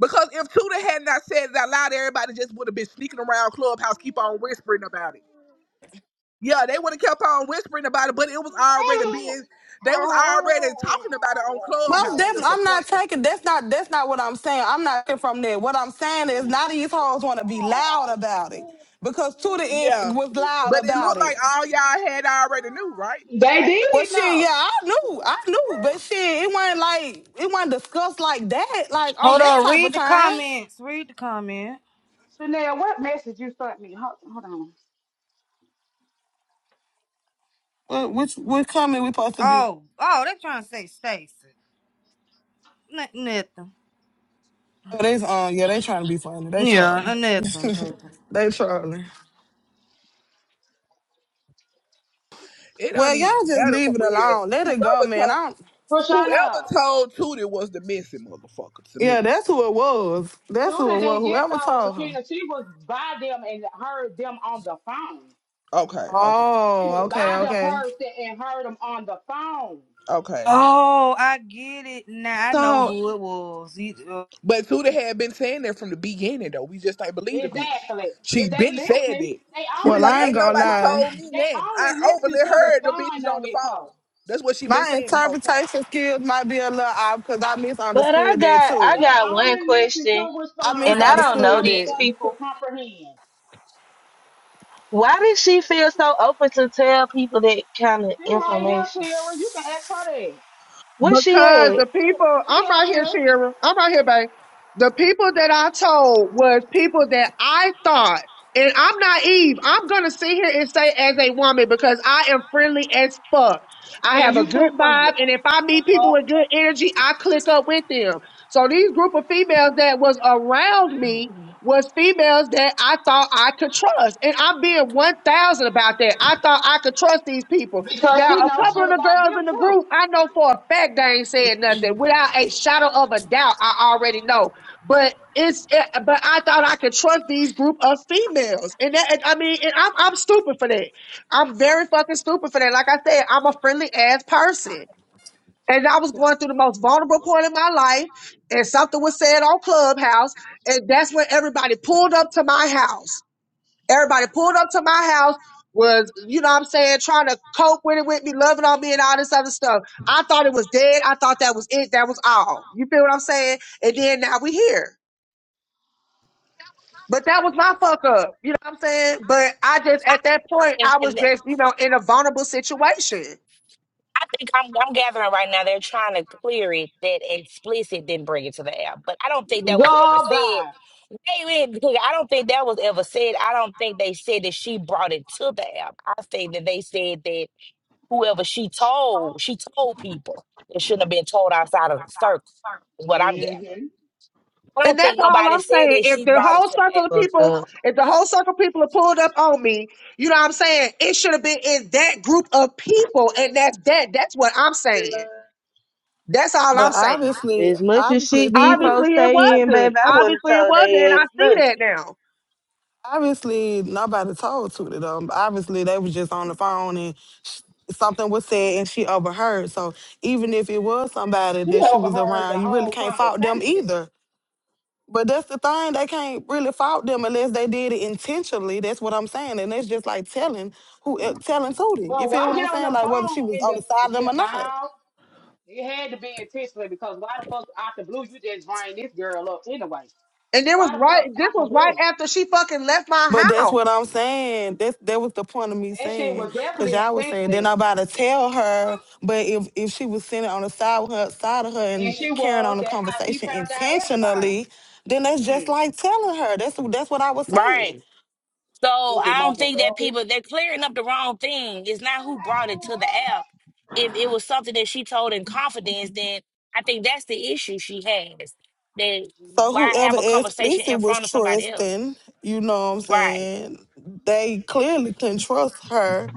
G: because if Tudor had not said it out loud, everybody just would have been sneaking around clubhouse, keep on whispering about it. Yeah, they would have kept on whispering about it, but it was already being, they was already talking about it on
E: Most
G: clubhouse.
E: definitely,
G: Is the
E: I'm not
G: point
E: taking.
G: though?
E: That's not. That's not what I'm saying. I'm not taking from there. What I'm saying is, not these hoes want to be loud about it because Tuda is
G: Yeah,
E: was loud
G: but it
E: about
G: looked like
E: it.
G: all y'all had already knew, right?
A: They
E: Well,
A: did
E: shit, yeah,
A: know.
E: I knew, I knew, but shit, it wasn't like it wasn't discussed like that, like on
C: Hold
E: that
C: on.
E: type of
C: Read the
E: time.
C: comments. Read the comment.
A: Chanel, what message you sent me? Hold, hold on.
E: What which what company we supposed to be?
C: Oh, oh, they trying to say Stacy. N- nothing.
E: Oh, They, um, yeah, they trying to be funny. They
C: Yeah, uh,
E: trolling.
C: nothing, nothing.
E: they trolling.
G: It don't
E: Well,
G: even
E: y'all just
G: matter for
E: leave it
G: real.
E: alone. Let it go,
G: Whoever
E: man. I
G: told,
E: don't.
G: whoever
A: Prashana,
G: told Tudor was the missing motherfucker to
E: Yeah,
G: me.
E: that's who it was. That's who
A: Tootie
E: it was.
A: didn't get
E: Whoever
A: told
E: told her.
A: Shakina. She was by them and heard them on the phone.
G: Okay, okay,
A: She
E: Oh,
A: was
E: okay,
A: by
G: okay,
A: the
E: okay.
A: person and heard them on the phone.
G: okay.
C: Oh, I get it now. I know
E: So,
C: who it was. You- uh,
G: But Suda had been saying that from the beginning, though. We just ain't believe the bitch.
A: Exactly.
G: She
A: If they
G: been said
A: listen,
G: that.
A: they
G: She be
A: only
E: well,
G: like,
E: I ain't
G: ain't
A: listen to
E: gonna
G: nobody
A: comfort.
E: lie.
G: told me
A: They
G: nothing. I
A: only listen
G: overly
A: to what's
G: heard the
A: fun
G: bitches
A: on
G: on the
A: this
G: phone.
A: post.
G: That's what she been
E: My
G: saying the whole time.
E: interpretation skills might be a little off because I
J: But I
E: misunderstood that
J: got
E: too.
J: I
A: They
J: got
A: only
J: one
A: listen
J: question,
A: to what's
E: I
J: and
A: fun.
J: I don't
A: Never
J: know
E: misunderstood
J: these
E: that.
A: motherfucking to
J: people.
A: comprehend.
J: Why did she feel so open to tell people that kind of
A: She right here,
J: information?
A: Tara. You can ask her that.
J: What she
D: Because
J: at?
D: the people,
A: She
D: I'm
A: up
D: right here,
A: here,
D: Tara. I'm right here, babe. The people that I told was people that I thought, and I'm naive. I'm gonna sit here and say as a woman because I am friendly as fuck. I
A: and
D: have a
A: you too
D: good
A: friendly.
D: vibe, and if I
A: The
D: meet people
A: fuck?
D: with good energy, I click up with them. So these group of females that was around me was females that I thought I could trust. And I'm being 1,000 about that. I thought I could trust these people.
A: Because
D: Now,
A: she
D: a
A: knows
D: couple
A: shit
D: of the
A: about
D: girls in
A: them
D: the
A: too.
D: group, I know for a fact they ain't said nothing. Without a shadow of a doubt, I already know. But it's, eh, but I thought I could trust these group of females. And that, and I mean, and I'm, I'm stupid for that. I'm very fucking stupid for that. Like I said, I'm a friendly ass person. And I was going through the most vulnerable part in my life, and something was said on Clubhouse, and that's when everybody pulled up to my house. Everybody pulled up to my house, was, you know what I'm saying, trying to cope with it with me, loving on me, and all this other stuff. I thought it was dead. I thought that was it. That was all. You feel what I'm saying? And then now we here. But that was my fuck up. You know what I'm saying? But I just, at that point,
F: and,
D: I was
F: and
D: just, you know, in a vulnerable situation.
F: I think I'm, I'm gathering right now they're trying to clear it that explicit didn't bring it to the app. But I don't think that was ever said.
A: Goodbye.
F: Wait, wait, because I don't think that was ever said. I don't think they said that she brought it to the app. I think that they said that whoever she told, she told people it shouldn't have been told outside of the circle, is what I'm gathering.
A: hmm
F: I
D: And
F: don't
D: that's
F: think
D: all
F: nobody
D: I'm
F: said
D: saying.
F: that
D: If
F: she
D: the
F: brought
J: It's
F: it
D: whole
F: to
D: circle of
F: that.
J: fucked
D: people,
J: up.
D: if the whole circle of people have pulled up on me, you know what I'm saying? It should have been in that group of people. And that's that. That's what I'm saying. That's all I'm
E: But
D: saying.
E: obviously,
J: As much as
E: obviously,
J: shit these
E: Tootie
J: folks
D: Obviously it
J: stay in,
D: wasn't.
J: baby, I wouldn't
D: Obviously
J: have
D: it
J: told
D: wasn't. And
J: they ass
D: I
J: nothing.
D: sit down.
E: Obviously, nobody told Tootie them. Obviously, they was just on the phone and sh- something was said and she overheard. So even if it was somebody
A: She
E: that she was
A: overheard the
E: around, you really
A: whole
E: can't fault them
A: conversation.
E: either. But that's the thing, they can't really fault them unless they did it intentionally. That's what I'm saying, and that's just like telling who eh, telling Tootie. You
A: But
E: feel
A: why
E: what I'm
A: get on
E: saying?
A: the
E: Like whether
A: phone
E: she was
A: and
E: on the
A: the
E: side of them
A: you
E: or not.
A: know? It had to be intentional because why the fuck out the blue you just bring this girl up anyway?
D: And it was
A: Why the
D: right,
A: fuck
D: this
A: out the
D: was right
A: blue?
D: after she fucking left my
E: But that's
D: house.
E: what I'm saying. That's that was the point of me
A: That shit
E: saying,
A: was
E: cause
A: definitely
E: y'all was saying then
A: intentional,
E: I'm about to tell her. But if if she was sitting on the side with her side of her
A: and
E: and
A: she
E: carrying on
A: was.
E: the
A: That's how she
E: conversation
A: found out
E: intentionally, then that's
A: everything.
E: just
A: Hmm.
E: like telling her. That's that's what I was saying.
F: Right. So
A: Stupid
F: I don't think that
A: motherfucker.
F: people they're clearing up the wrong thing. It's not who brought it to the app. If it was something that she told in confidence, then I think that's the issue she has. That
E: So
F: why
E: whoever
F: have a conversation
E: explicit
F: in
E: was
F: front of somebody else?
E: trusting, you know what I'm
F: Right.
E: saying? They clearly couldn't trust her.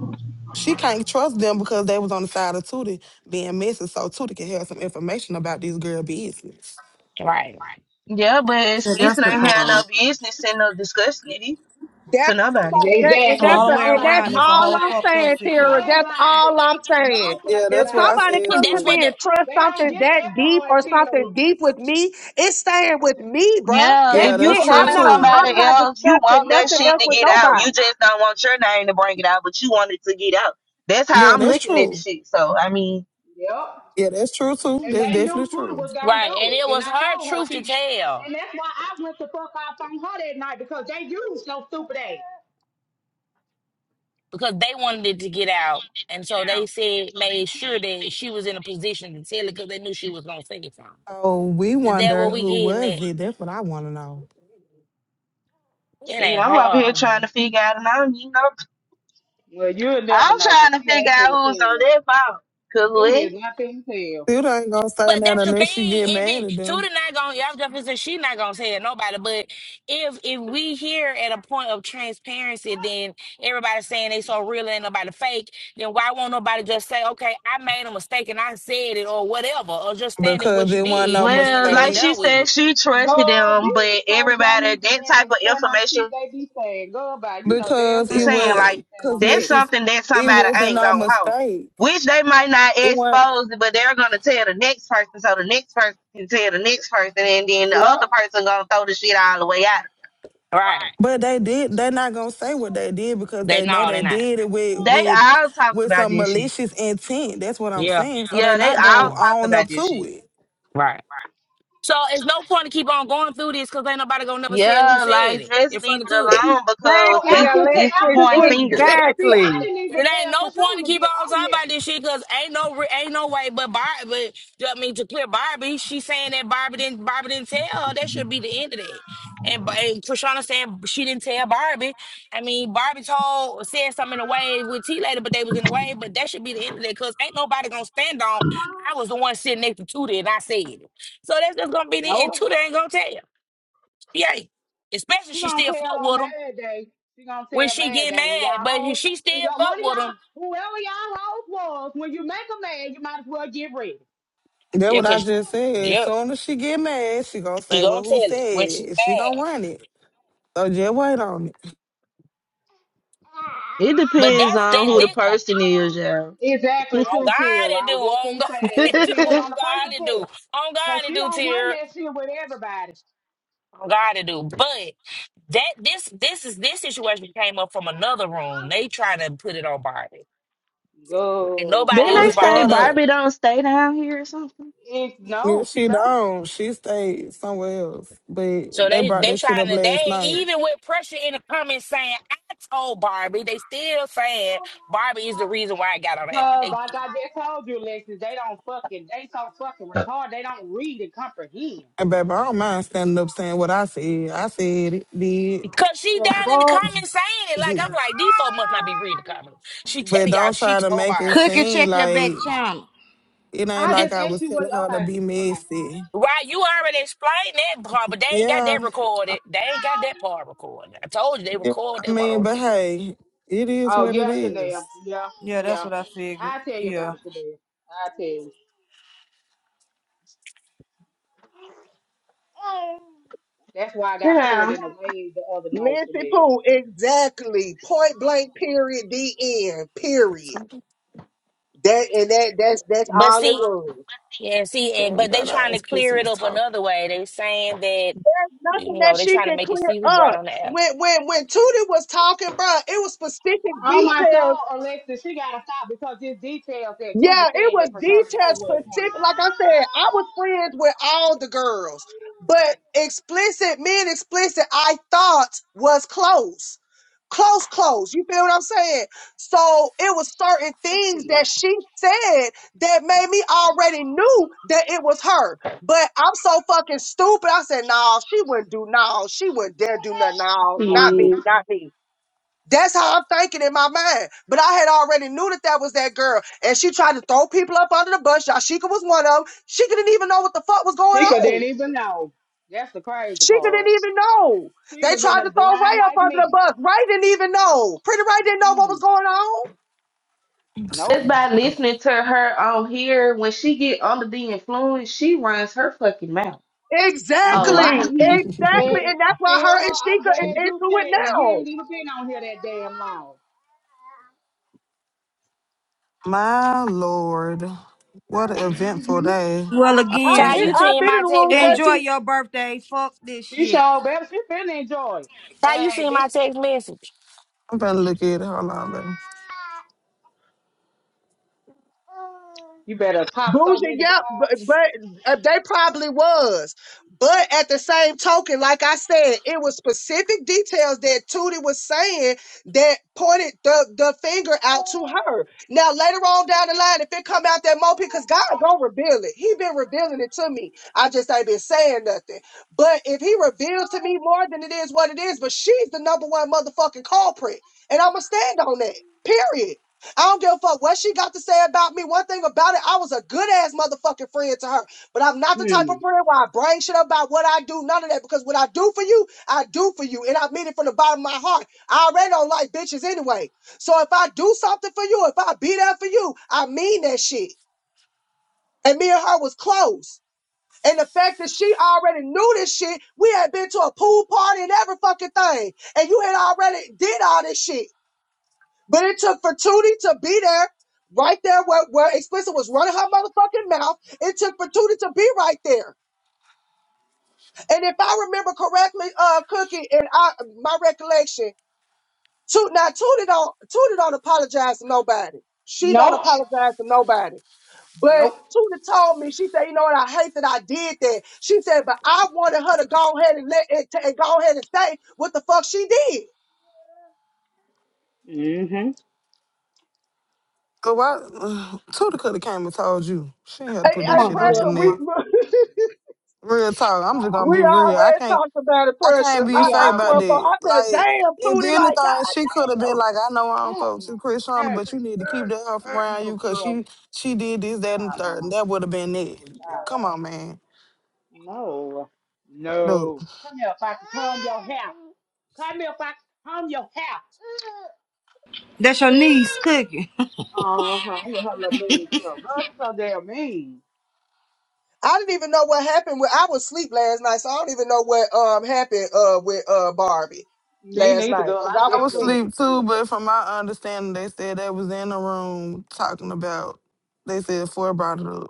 E: She can't trust them because they was on the side of Tootie being messy. So Tootie can have some information about this girl business.
F: Right.
J: Yeah, but
C: yeah, that's
J: explicit
C: the
J: ain't
C: part. Right
J: had no business in no discussing it either, to nobody.
D: That, and
C: So
A: Exactly.
D: that's
C: all the
D: a,
C: way
A: No,
D: and
A: no,
D: that's
C: around, it's a
D: all
C: whole
D: I'm
A: nobody,
C: fucked up
D: saying, Tara.
C: situation.
D: That's
A: nobody,
D: all I'm saying.
A: no
E: Yeah,
A: fucking
D: If
E: that's what
A: body.
E: I
D: somebody
E: said
F: And
D: comes to
F: that's
E: too.
F: what
D: me
F: the
D: and trusts
A: They don't
D: something
A: get
D: that
A: that
D: deep
A: part
D: or something
A: till
D: deep with me, it's staying with me, bruh.
J: Yeah,
D: That's
E: Yeah,
J: if you
E: that's
D: it.
A: on
E: true
D: I'm
J: telling
A: my
D: not.
E: too.
D: I'm
J: somebody
A: soul,
D: not
J: else, you
A: on
D: discussing
J: want
A: my
J: that
D: nothing
J: shit
D: else
J: to
A: soul.
D: with
J: get out. You
D: nobody.
J: just don't want your name to bring it out, but you want it to get out. That's how
E: Yeah,
J: I'm
E: that's
J: looking at the
E: true.
J: shit. So I mean,
A: Yep.
E: Yeah, that's true too.
A: And
E: That's
A: they knew
E: definitely
A: Tudor
E: true.
A: was gonna
F: right.
A: do
F: And it
A: it. And
F: was
A: I
F: her
A: told her
F: truth to
A: she
F: tell.
A: and that's why I went the fuck off on her that night because they used no stupid ass.
F: because they wanted it to get out. And so they said, made sure that she was in a position to tell it because they knew she was going to say it from.
E: So we
F: Is that
E: wonder
F: what we
E: who
F: getting
E: was
F: at?
E: it. That's what I want to know.
F: It
J: shit,
F: ain't
J: I'm over here trying
F: hard.
J: to figure out, and I don't, you know,
A: Well, you'll never
J: I'm
A: know because
J: trying to
A: she ain't
J: figure out
A: finna
J: who's on
A: tell.
J: that phone. Cause
A: Tudor is
J: we,
A: not finna tell.
E: Still ain't gonna say
F: But
E: that
F: that's the thing.
E: unless you get
F: If
E: mad
F: it,
E: at them
F: Tudor not going, to y'all just said she not going to tell nobody. But if if we here at a point of transparency, then everybody saying they so real and nobody fake, then why won't nobody just say, okay, I made a mistake and I said it or whatever, or just stand in
E: because
F: what you
E: it wasn't no
F: did and then
J: well,
F: let be
J: like
E: mistake.
J: she
F: done with
J: said,
F: it?
J: she trusted
A: God,
J: them,
A: these
J: but
A: folks won't
J: everybody
A: even
J: that type
A: damn
J: of
A: turn on
J: information
A: shit they be saying. Goodbye. You know damn
E: Because
J: I'm
E: it
A: well I
J: saying
A: ain't
E: was,
A: finna
J: like
A: turn
E: because
A: on
J: that's
A: this.
E: Lexus,
J: something that
E: it
J: somebody
E: wasn't
J: ain't
E: no
J: gonna hold,
E: mistake.
J: which they might not
E: It wasn't.
J: expose, it, but they're gonna tell the next person, so the next person can tell the next person, and then the
A: Yep.
J: other person gonna throw the shit all the way out.
F: Right.
E: But they did. They're not gonna say what they did because
F: They,
E: they know
F: no,
E: they
F: they not.
E: did it with
J: They
E: with
J: all talked
E: with
J: about
E: some
J: this shit.
E: malicious intent. That's what I'm
F: Yeah.
E: saying. So they're
J: Yeah, they
E: not gonna
F: Yeah.
J: all talked
E: own up
J: about this
E: to
J: shit.
E: it.
F: Right. So it's no point to keep on going through this because ain't nobody gonna never say who
J: Yeah,
F: said
J: like
F: it in
J: just
F: front
J: leave
F: of
J: it
F: Tootie.
J: alone
A: Oh,
J: because
D: Exactly,
J: it's
A: after
J: it's
D: Alexis.
A: after
J: point fingers.
F: it
A: see, I
D: Exactly.
A: didn't even
F: ain't
A: tell
F: no point to
A: Kashona to
F: keep
A: get
F: on
A: on
F: talking
A: here.
F: about this shit because ain't no re- ain't no way. But Barbie, but, you know what I mean to clear Barbie, she saying that Barbie didn't Barbie didn't tell her. That should be the end of that. And, Ba- and Trishana saying she didn't tell Barbie. I mean Barbie told said something in a wave with T later, but they was in a wave. But that should be the end of that because ain't nobody gonna stand on. I was the one sitting next to Tootie and I said it. So that's just gonna be the end.
A: Nope.
F: Tootie ain't gonna tell. Yay! especially
A: She
F: she
A: gonna
F: still
A: tell
F: fuck
A: on
F: with him
A: Mad Day. She gonna
F: when
A: tell
F: she
A: Mad
F: get
A: Day when
F: mad,
A: y'all
F: but if
A: hoes,
F: she still
A: when y'all,
F: fuck
A: one of
F: with him.
A: y'all, whoever y'all hoes was, when you make a man, you might as well get ready.
E: That's
F: Yeah,
E: what I
F: cause
E: just said. As
F: yep,
E: soon as she get mad, she gonna
F: she
E: say,
F: gonna
E: "Well,
F: tell
E: who
F: it
E: said
F: when she
E: it?" She gonna
F: mad.
E: run it. So just wait on it.
J: It
F: But
J: depends
F: that's
J: on
F: that
J: who
A: Hey,
J: the
F: this
A: like,
J: person is,
A: exactly,
J: yeah.
F: on God
A: Too tier. I
F: to do,
A: was just
F: on
A: gonna
F: God
A: say that
F: to
A: it
F: do,
A: depends on
F: on
A: the person
F: God to do,
A: too,
F: on God
A: cause
F: to
A: she
F: do,
A: don't run
F: tear,
A: that shit with everybody.
F: on God to do. But that this this is this situation came up from another room. They trying to put it on Barbie. Like
A: Go,
F: nobody
J: Didn't
E: It
F: else
A: Barbie.
J: they
A: I,
F: brought
J: say
F: that
E: started.
F: up.
J: Barbie don't stay down here or something?
A: it's, no,
E: If
A: she
E: she
A: don't.
E: don't, she stayed somewhere else. But
F: So
E: they
F: they
E: brought
F: they
E: that shit
F: trying
E: up
F: to
E: last
F: they
E: night.
F: even with pressure in the comments saying I told Barbie, they still saying Barbie is the reason why I got on the app.
A: Cause
F: They,
A: like I just told you, Lexus, they don't fucking, they so fucking
J: Uh,
A: retarded. They don't read and comprehend.
E: And baby, I don't mind standing up saying what I said. I said it, did.
F: Cause she
A: The
F: down in the
A: fuck?
F: comments saying it. Like I'm like, these folks must not be reading the comments. She
E: But
F: telling y'all
E: don't
F: she
E: try to
F: told
E: make it
F: Barbie.
C: Click and
E: seem
C: check your back
E: like
C: channel.
E: It ain't
A: I
F: And,
E: like
A: just
E: I
A: asked
E: was
A: you what.
E: telling her to
A: Okay,
E: be
A: okay.
E: messy.
F: right, you already explained that part, but they ain't got
E: Yeah,
F: that recorded. They ain't got that part recorded. I told you they
E: yeah.
F: record what
E: I
F: they want to
E: mean, but
F: record.
E: hey, it is
A: Oh
E: what it
A: yeah,
E: is.
A: Chanel. Yeah,
C: Yeah, that's
A: yeah.
C: what I figured.
A: I tell you about
C: Yeah.
A: it, Chanel. I tell you. That's why I got pulled
J: Yeah.
A: in the rain the other night,
D: Nancy
A: Chanel.
D: Pooh, exactly. Point blank. Period. The end. Period. That and that. That's that's
F: But
D: all it
F: see,
D: was.
F: yeah, see, and
E: Man, we
F: but they
E: got our
F: trying to
E: explicit
F: clear it
E: was
F: up
E: talking.
F: another way. They saying that
D: nothing
F: you
D: that
F: know, they
D: she
F: trying to
D: can
F: make it
D: clear
F: see who brought
D: up.
F: on the app.
D: When when when Tootie was talking, bruh, it was specific
A: Oh my
D: details
A: soul, Alexa, she gotta stop because this details that Tootie
D: yeah, it
A: said
D: was
A: that Prashana know
D: detailed
A: where it
D: specific. Like I said, I was friends with all the girls, but explicit, men explicit, I thought was close. Close, close. You feel what I'm saying? So it was certain things
A: came
D: that she said that made me already knew that it was her. But I'm so fucking stupid. I said, no, she wouldn't do no, she wouldn't dare do nothing. No, not
A: from.
D: me, not me. That's how I'm thinking in my mind. But I had already knew that that was that girl. And she tried to throw people up under the bus. Yashika was one of them. She didn't even know what the fuck was going
A: She could
D: on.
A: didn't even know. That's the crazy
D: She didn't
A: part.
D: even know.
A: She
D: They
A: was in
D: tried
A: as
D: to throw
A: blind
D: Ray up
A: like
D: under the
A: me.
D: bus. Ray didn't even know. Pretty Ray didn't know what was
A: Mm.
D: going on.
A: Nope.
J: Just by listening to her on here, when she get under the influence, she runs her fucking mouth.
D: Exactly.
A: Mm-hmm.
D: Exactly.
A: And,
D: And that's why her and
A: Sarah, I'm
D: Sheikah is
A: glad you
D: into
A: said
D: it
A: it. You
D: now.
A: ain't even been on here that damn long.
E: My lord, what an
A: hmm
E: eventful day
C: Well,
D: I've
C: again,
F: Ty,
D: been
F: you
E: already.
D: I've
F: seen
D: been in
F: my
D: the
F: text
D: rooms where she
F: message.
C: enjoy your birthday. Fuck this
A: She
C: shit.
A: sure, better. She finna enjoy,
F: Ty, you
A: it.
F: seen
A: baby.
F: my text message.
E: I'm gonna look at it. Hold on, baby.
A: You better pop so
D: Bougie,
A: many
D: yep, but,
A: bottles.
D: but uh, they probably was. But at the same token, like I said, it was specific details that Tootie was saying that pointed the, the finger out to her. Now later on down the line, if it come out that mo, because God gonna reveal it. He been revealing it to me. I just ain't been saying nothing. But if he reveals to me more than it is what it is, but she's the number one motherfucking culprit, and I'ma stand on that. Period. I don't give a fuck what she got to say about me. One thing about it, I was a good ass motherfucking friend to her. But I'm not the type
A: Hmm.
D: of friend where I bring shit up about what I do, none of that. Because what I do for you, I do for you. And I mean it from the bottom of my heart. I already don't like bitches anyway. So if I do something for you, if I be there for you, I mean that shit. And me and her was close. And the fact that she already knew this shit, we had been to a pool party and every fucking thing. And you had already did all this shit. But it took Fatuti to be there, right there where, where Explicit was running her motherfucking mouth. It took Fatuti to be right there. And if I remember correctly, uh, Cookie, and I, my recollection, Toot, now Tootie don't, Tootie don't apologize to nobody. She don't
A: Nope.
D: apologize to nobody. But
A: Nope.
D: Tootie told me, she said, you know what, I hate that I did that. She said, but I wanted her to go ahead and let it, and go ahead and say what the fuck she did.
A: mm hmm
E: So why Tuda could have came and told you. She ain't had
D: I,
E: to put
A: Come
D: I
E: that shit
A: on,
E: on
A: get
E: the
A: up,
D: pressure we.
A: mama.
E: internet. Real talk.
A: Come
E: I'm just gonna
A: on,
D: We
E: be
A: mama.
E: real. I
D: already
E: can't.
D: talked about the
E: I can't
D: pressure.
E: be
D: I,
A: We
D: I
E: fake about
D: swear,
A: already
D: for,
E: that.
D: I said,
E: Like,
D: damn,
E: if
D: Tootie, like,
E: anything,
D: God
E: she could have been
D: damn.
E: like, I know I don't
A: stop,
E: fuck to
A: mama.
E: Chris Shonda,
A: Hey, hey,
E: but you need to keep that her from
A: hey,
E: around you
A: little
E: because
A: girl,
E: she she did this, that, and the
A: stop,
E: third, and
A: mama.
E: that would have been it.
A: Stop.
E: Come on, man.
A: No.
E: Straight up.
A: No. Come here, Foxy. Comb your hair. Come here, Foxy. Comb your hair.
C: That's your niece cooking.
A: Uh huh. With her little mean self. Girl, she's so damn mean.
D: I didn't even know what happened. With, I was asleep last night, so I don't even know what um happened uh with uh Barbie
A: They
D: last
A: need to
D: night
A: go.
D: because
A: I
D: I
E: I
D: was
E: was
A: definitely
D: asleep.
A: went to
E: asleep too,
A: sleep.
E: but from my understanding, they said they was in the room talking about. They said Ford brought it up,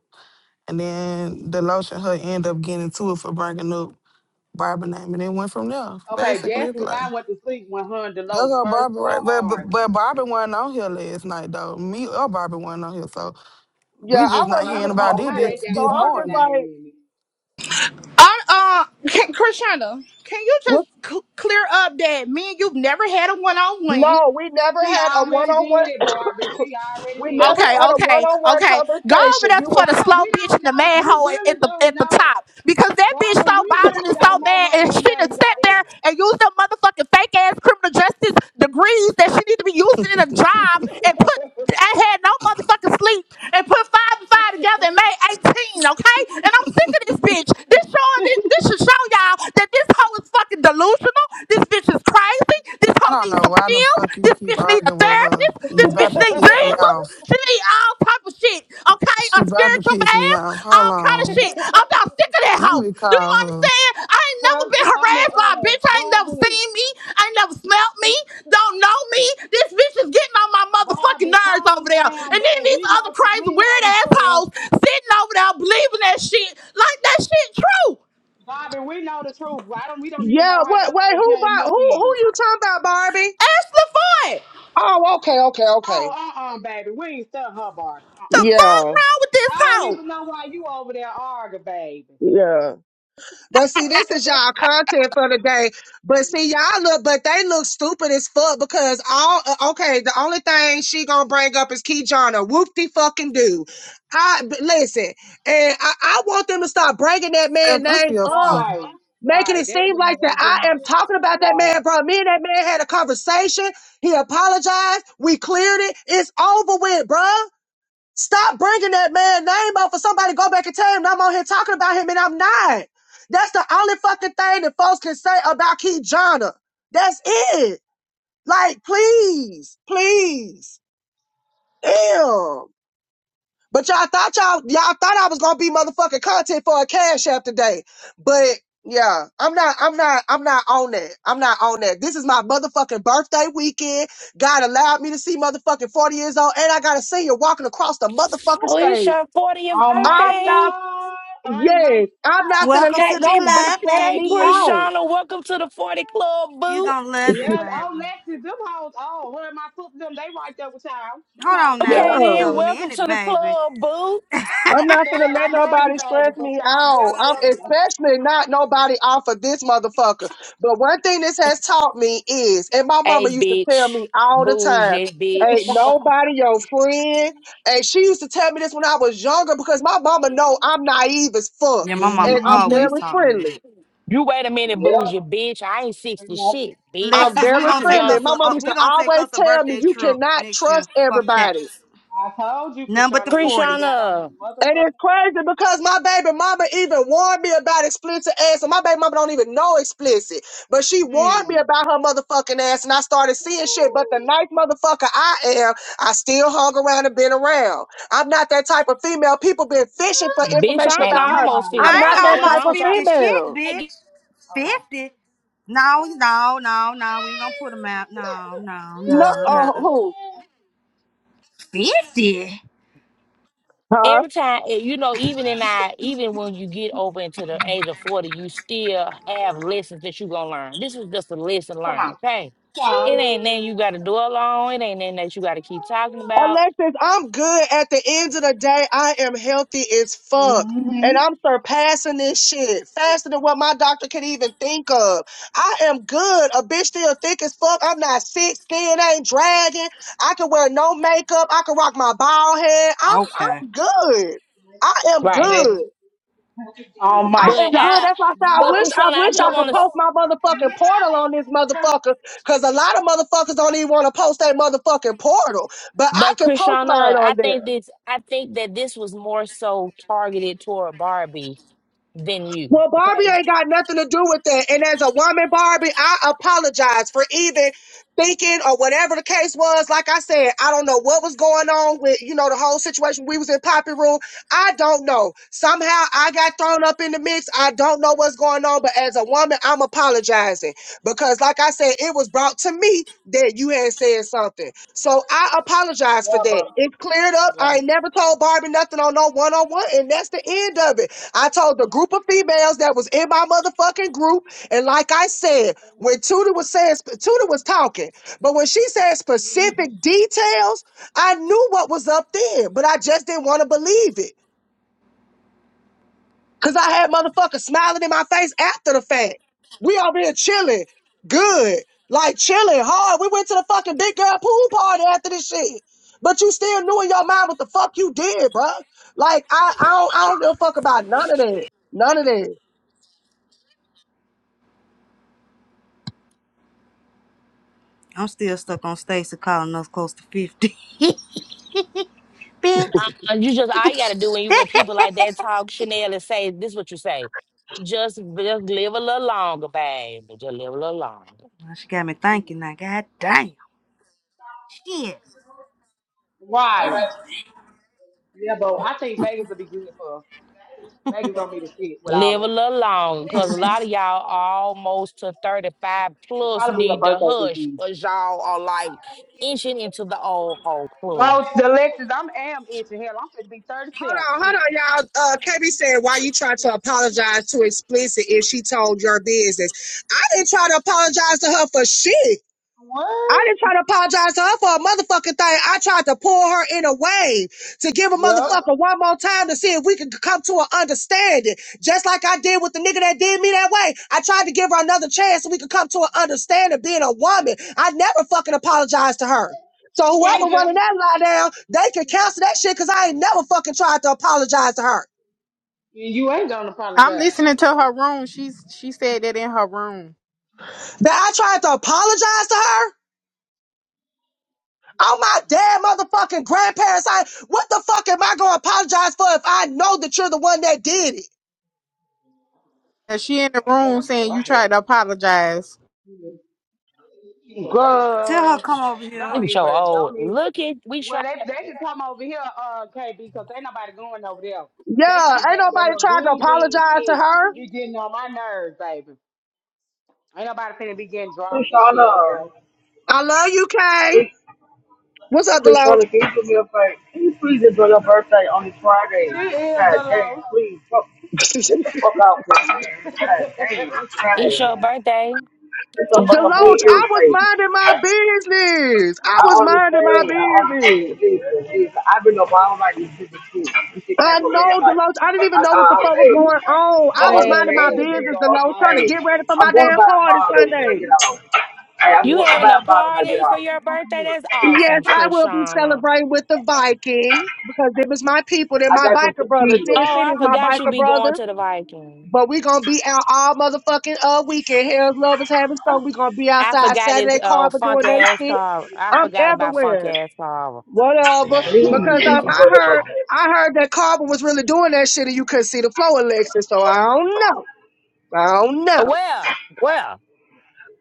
E: and then the lotion her end up getting to it for bringing up Barbie name, and it went from there.
A: Okay,
E: Basically,
A: that's
E: it's
A: when
E: like
A: I went to sleep when her and
E: That's
A: Delos
E: our
A: first
E: Barbie, right
A: started
E: but, but
A: arguing.
E: but Bobby wasn't on here last night though. Me or Barbie wasn't on here. So
D: Yeah,
E: we
D: I
E: just not
A: Well,
D: wasn't
A: I
E: hearing
D: even
A: don't
E: about
A: know
D: on
E: it
A: how
D: here,
E: this
A: they
D: so
A: got
E: this
D: I'm
A: Barbie
D: just
E: morning.
A: name
D: like,
A: in it.
K: I, uh, can, Krishana, can you just
D: what?
K: c- clear up that me and you've never had a one on one?
D: No, we never
A: She
D: had a
A: already
D: one-on-one.
A: did it, Barbie. She already
D: we
A: did it,
D: never
K: Okay,
A: baby.
D: had a
K: okay,
D: one-on-one
K: okay. Go over
D: conversation.
K: there
D: You
A: Cause
K: for
D: was,
K: the
A: I
K: slow
A: we
K: bitch
A: don't
K: in the
A: know. We
K: manhole at
A: really
K: at the
A: don't
K: at the
A: know,
K: top because that bitch
A: Barbie.
K: so
A: We
K: bothered
A: really
K: and so
A: don't know
K: mad
A: how
K: and
A: your
K: she done
A: name
K: sat
A: got in.
K: there and used her motherfucking fake ass criminal justice degrees that she need to be using in a job and put. I had no motherfucking sleep and put five and five together and made eighteen. Okay, and I'm sick of this bitch. This showing this this should show y'all that this hoe is fucking delusional. This bitch is crazy. This
E: I
K: hoe
E: don't
K: needs
E: know
K: some
E: why the
K: pills.
E: fuck you
K: This
E: keep
K: bitch need a
E: arguing with her.
K: therapist.
A: it.
E: You
K: This bitch
E: about to
K: need
E: piss me
K: Jesus.
E: off.
K: She need all type of shit, okay? A
E: She about to
K: spiritual
E: piss me
K: bath,
E: off.
K: all
E: Hold
K: kind of
E: on.
K: shit. I'm about sick of that
E: Let
K: hoe.
E: me
K: Do you
E: call her.
K: understand? I ain't never
A: well,
K: been
A: I mean,
K: harassed by a
A: uh,
K: bitch. I ain't never
A: Barbie,
K: seen me. I ain't never smelt me. Don't know me. This bitch is getting on my motherfucking
A: Barbie,
K: nerves over
A: calm
K: there.
A: down,
K: And then
A: boo.
K: these
A: We
K: other
A: know,
K: crazy
A: we know
K: weird
A: the truth.
K: assholes sitting over there believing that shit like that shit true.
A: Bobby, we know the truth. Why don't we don't even
D: yeah.
A: know how your
D: What? Wait,
A: name
D: who?
A: came
D: Bo-
A: up
D: Who? Who
A: in it?
D: you talking about, Barbie?
K: Ashley Ford,
D: Oh, okay, okay, okay.
A: Oh, uh, uh baby, we ain't stuck her, Barbie. Uh,
K: the
A: uh
K: fuck
D: Yeah,
K: wrong with this
A: I don't
K: hoe?
A: even know why you over there arguing, baby.
D: yeah. But see, this is y'all content for the day. But see, y'all look, but they look stupid as fuck because all uh, okay. The only thing she gonna bring up is Keyjana. Whoop de fucking do. I but listen, and I, I want them to stop bringing that
E: Steph,
D: man
E: I
D: name
E: see her
D: up,
E: phone.
A: right,
D: making it
A: right. That
D: seem like
A: man
D: that
A: ain't been
D: I
A: on
D: am
A: that app
D: talking
A: so
D: about that
A: long.
D: man, bro. Me and that man had a conversation. He apologized. We cleared it. It's over with, bro. Stop bringing that man name up for somebody to go back and tell him that I'm on here talking about him and I'm not. That's the only fucking thing that folks can say about Keith Johnner. That's it. Like, please, please, damn. But y'all thought y'all y'all thought I was gonna be motherfucking content for a cash app today. But yeah, I'm not, I'm not, I'm not on that. I'm not on that. This is my motherfucking birthday weekend. God allowed me to see motherfucking 40 years old, and I got a senior walking across the motherfucking
F: Oh, it's
D: stage.
F: your 40th
A: On my
D: I'm
F: birthday.
D: not,
A: side, on my
D: yes, I'm not
A: side.
D: gonna
C: Welcome
D: let
C: to the
F: Happy
D: nobody
C: club,
D: stress
F: birthday,
D: me
C: baby.
D: out.
F: Krishana. Welcome to the 40 Club,
C: You
F: boo.
C: gonna love it,
A: Yeah, oh,
C: baby.
A: Lexi, them hoes old. Her and my foot, them, they right there with y'all. Them
C: Hold
A: hoes
C: on now.
F: Okay,
A: old.
C: Wait a
F: then,
D: Yeah.
F: welcome
C: minute,
F: to the
C: baby.
F: club, boo.
D: I'm not gonna
A: Dale,
D: let
A: I love you,
D: nobody
A: baby,
D: stress
A: but
D: me
A: y'all
D: out.
A: definitely
D: I'm
A: up there.
D: especially not nobody off of this motherfucker. But one thing this has taught me is, and my mama
F: Hey,
D: used to
F: bitch.
D: tell me all the time,
F: Bougie,
D: ain't
F: bitch.
D: nobody your friend. And she used to tell me this when I was younger because my mama know I'm naive as fuck.
C: Yeah, my
D: And
C: mama
D: I'm
C: always
A: Mm-hmm.
D: very
C: taught me
D: friendly.
C: that.
F: You wait a minute,
A: Yep.
F: bougie, bitch. I ain't
A: pretty
F: 60 shit,
A: much.
F: bitch.
D: I'm
C: Lexus, we
D: very
C: gonna
F: I'm
C: take
D: friendly.
F: young.
C: us
D: My
C: a
D: mama
C: uh,
D: used
C: we
D: to
C: gonna take
D: always
C: us a
D: tell me
C: birthday
D: you
C: trip
D: cannot
C: next year.
D: trust
C: Fuck that.
D: everybody.
A: I told you,
C: None but
A: Krishan,
C: the
A: when we first
C: forties.
A: got on this
F: Krishana,
D: And it's
A: motherfucking app.
D: crazy because my baby mama even warned me about explicit ass, and my baby mama don't even know explicit, but she
A: Hmm.
D: warned me about her motherfucking ass, and I started seeing shit. But the nice motherfucker I am, I still hung around and been around. I'm not that type of female. People been fishing for
F: bitch,
D: information
A: Okay,
F: I ain't
A: I'm sorry.
D: about
A: I'm-
D: her.
F: almost 50.
D: I'm
F: I
D: not
F: don't
C: I
F: know
D: that
C: ain't
F: what's
D: type
C: almost
F: wrong
D: of
F: with y'all.
C: fifty shit,
D: female.
F: Hey,
C: bitch.
A: Okay,
C: Fifty? No, no, no, no. We ain't gonna put them out. No, no,
D: No,
C: no, no.
D: oh who?
C: Fifty?
D: Huh?
F: every time eh, you know even in our even when you get over into the age of 40 you still have lessons that you're gonna learn this was just a lesson
A: come
F: learned
A: on.
F: okay
A: Come
F: it
A: on.
F: ain't nothing you gotta dwell on it ain't nothing that you gotta keep talking about
D: Alexis, I'm good. At the end of the day, I am healthy as fuck. And I'm
A: Mm-hmm.
D: surpassing this shit faster than what my doctor could even think of. I am good. A bitch still thick as fuck. I'm not sick. Skin ain't dragging. I can wear no makeup. I can rock my bald head. I'm
C: Okay.
D: I'm good. I am
F: right
D: good.
A: Maybe. On
D: I
A: my
F: but
D: am
A: stuff.
D: good.
F: i
D: That's why I
A: You
D: said I
F: but
D: wish I
F: krishana i
D: wish I
F: just
A: got the
D: could
A: dog.
F: want to
D: post my motherfucking portal on this motherfucker. Cause a lot of motherfuckers don't even want to post that motherfucking portal. But I
F: but
D: can post
F: krishana
D: mine
F: i
D: on there.
F: think this i think that this was more so targeted toward barbie than you
D: Well, Barbie
F: okay
D: ain't got nothing to do with that. And as a woman, Barbie, I apologize for even thinking or whatever the case was. Like I said, I don't know what was going on with, you know, the whole situation. We was in Poppy Room. I don't know. Somehow I got thrown up in the mix. I don't know what's going on. But as a woman, I'm apologizing because, like I said, it was brought to me that you had said something. So I apologize for
A: Yeah,
D: that.
A: but
D: It's cleared up.
A: yeah.
D: I ain't never told Barbie nothing on no one on one, and that's the end of it. I told the group of females that was in my motherfucking group, and like I said, when Tudor was saying, sp- Tudor was talking, but when she said specific details, I knew what was up there, but I just didn't want to believe it. Cause I had motherfuckers smiling in my face after the fact. We over here chilling, good, like chilling hard. We went to the fucking big girl pool party after this shit. But you still knew in your mind what the fuck you did, bruh. Like I, I don't, I don't give a fuck about none of that. None of that.
C: I'm still stuck on Stacy calling us close to fifty. Bitch.
F: Uh, you just all you gotta do when you when people like that talk Chanel and say this is what you say. Just just live a little longer, babe. Just live a little longer.
C: Now she got me thinking. Now, god damn. Shit.
A: Why? Yeah, but I think Vegas will be good for us. Vegas gonna be the shit with all
F: Live
A: of
F: a
A: us.
F: little longer, cause a lot of y'all almost to thirty five
A: It'll
F: plus
A: probably be a
F: need to
A: birthday
F: hush,
A: weekend.
F: cause y'all are like inching into the old whole
A: Oh,
F: club.
A: it's Alexis, I'm am itching hell. I'm gonna be
D: Hold
A: 37.
D: on, hold
A: Shit.
D: on, y'all. Uh, KB said, "Why you try to apologize to explicit if she told your business?" I didn't try to apologize to her for shit. I
A: What?
D: didn't try to apologize to her for a motherfucking thing. I tried to pull her in a way to give a
A: Yep.
D: motherfucker one more time to see if we could come to an understanding. Just like I did with the nigga that did me that way. I tried to give her another chance so we could come to an understanding being a woman. I never fucking apologized to her. So whoever running that lie down, they can cancel that shit because I ain't never fucking tried to apologize to her.
A: And you ain't gonna
H: I'm
A: apologize. So,
H: listening to her room. She's she said that in her room.
D: That I tried to apologize to her? on my damn motherfucking grandparents' side. What the fuck am I gonna apologize for if I know that you're the one that did it?
H: And she in the
A: Oh,
H: room
A: damn, boy,
H: saying
A: I
H: you
A: had
H: tried to apologize.
A: you a racist. I
C: Tell her
A: Girl,
C: come over
F: Look
A: don't
C: here.
F: at your
A: even,
F: old.
A: don't even.
F: Look at we try.
A: Well, they they can come over here, uh, KB, because ain't nobody going over there. 'Cause they
D: Yeah,
A: think
D: ain't
A: that, that
D: nobody
A: little
D: trying to
A: green bean
D: apologize to
A: shit
D: her.
A: be getting on my nerves, baby. Ain't nobody finna be getting dropped and shit over
L: Krishana,
A: there.
D: I love you, Kay.
L: it's
D: What's up, Deloach?
L: Krishana, can you me a favor? Can you please enjoy your birthday on this Friday?
A: She is
L: God
A: the
L: damn,
A: low.
L: please. Fuck. Get the fuck out of here, man. God damn,
F: It's
L: Friday,
F: your
L: man.
F: birthday.
L: It's a
F: It's
L: fuck,
F: your
L: I'm
D: Deloach,
L: being
D: I
F: birthday.
D: was
L: irritated.
D: minding my business. I
L: I
D: was minding my
L: understand, I understand.
D: business.
L: Listen, listen. I've been up all night, these bitches too. This shit
D: I
L: came up red
D: know,
L: light.
D: Deloach. I didn't even
L: I, I,
D: know what the
L: I,
D: fuck was
L: hey,
D: going on.
L: I
D: I was
A: Man,
D: minding my
A: let
L: understand,
A: us be
L: man.
A: going
D: business,
L: Fuck it,
D: Deloach,
A: off,
D: trying to
L: hey.
D: get ready
A: man.
D: for
L: I'm
D: my
L: gonna
D: damn
L: buy a
D: party
L: bottle when I
D: Sunday.
L: get out. Hey, I'm
F: You
A: What
L: gonna
F: having
L: buy
A: drink
F: a
L: a bottle when I get
F: party for
L: out.
A: is-
F: your
A: what
F: birthday? That's
D: Yes,
F: awesome,
D: I will be
F: Krishana.
D: celebrating with the Vikings because it was my people. They're
L: I
D: my
L: got some
D: biker brothers.
L: tequila.
D: Sin
F: Oh,
D: City
F: I
D: is my
F: forgot you
D: biker
F: be going
D: brothers.
F: to the Vikings.
D: But we going to be out all motherfucking uh, weekend. Hell's Love is having something. we going to be
F: I
D: outside
F: forgot his
D: Saturday
F: uh,
D: Carver
F: funk
D: doing that
F: ass
D: shit.
F: car. I
D: I'm
F: forgot about funk
D: everywhere.
F: ass car.
D: Whatever.
F: Forgot about
D: Because
L: Please
F: funk
D: um,
L: enjoy
D: I
F: ass
L: your
F: car.
D: heard
L: birthday.
D: I heard that Carver was really doing that shit and you couldn't see the flow election. So I don't know. I don't know.
F: Well, well.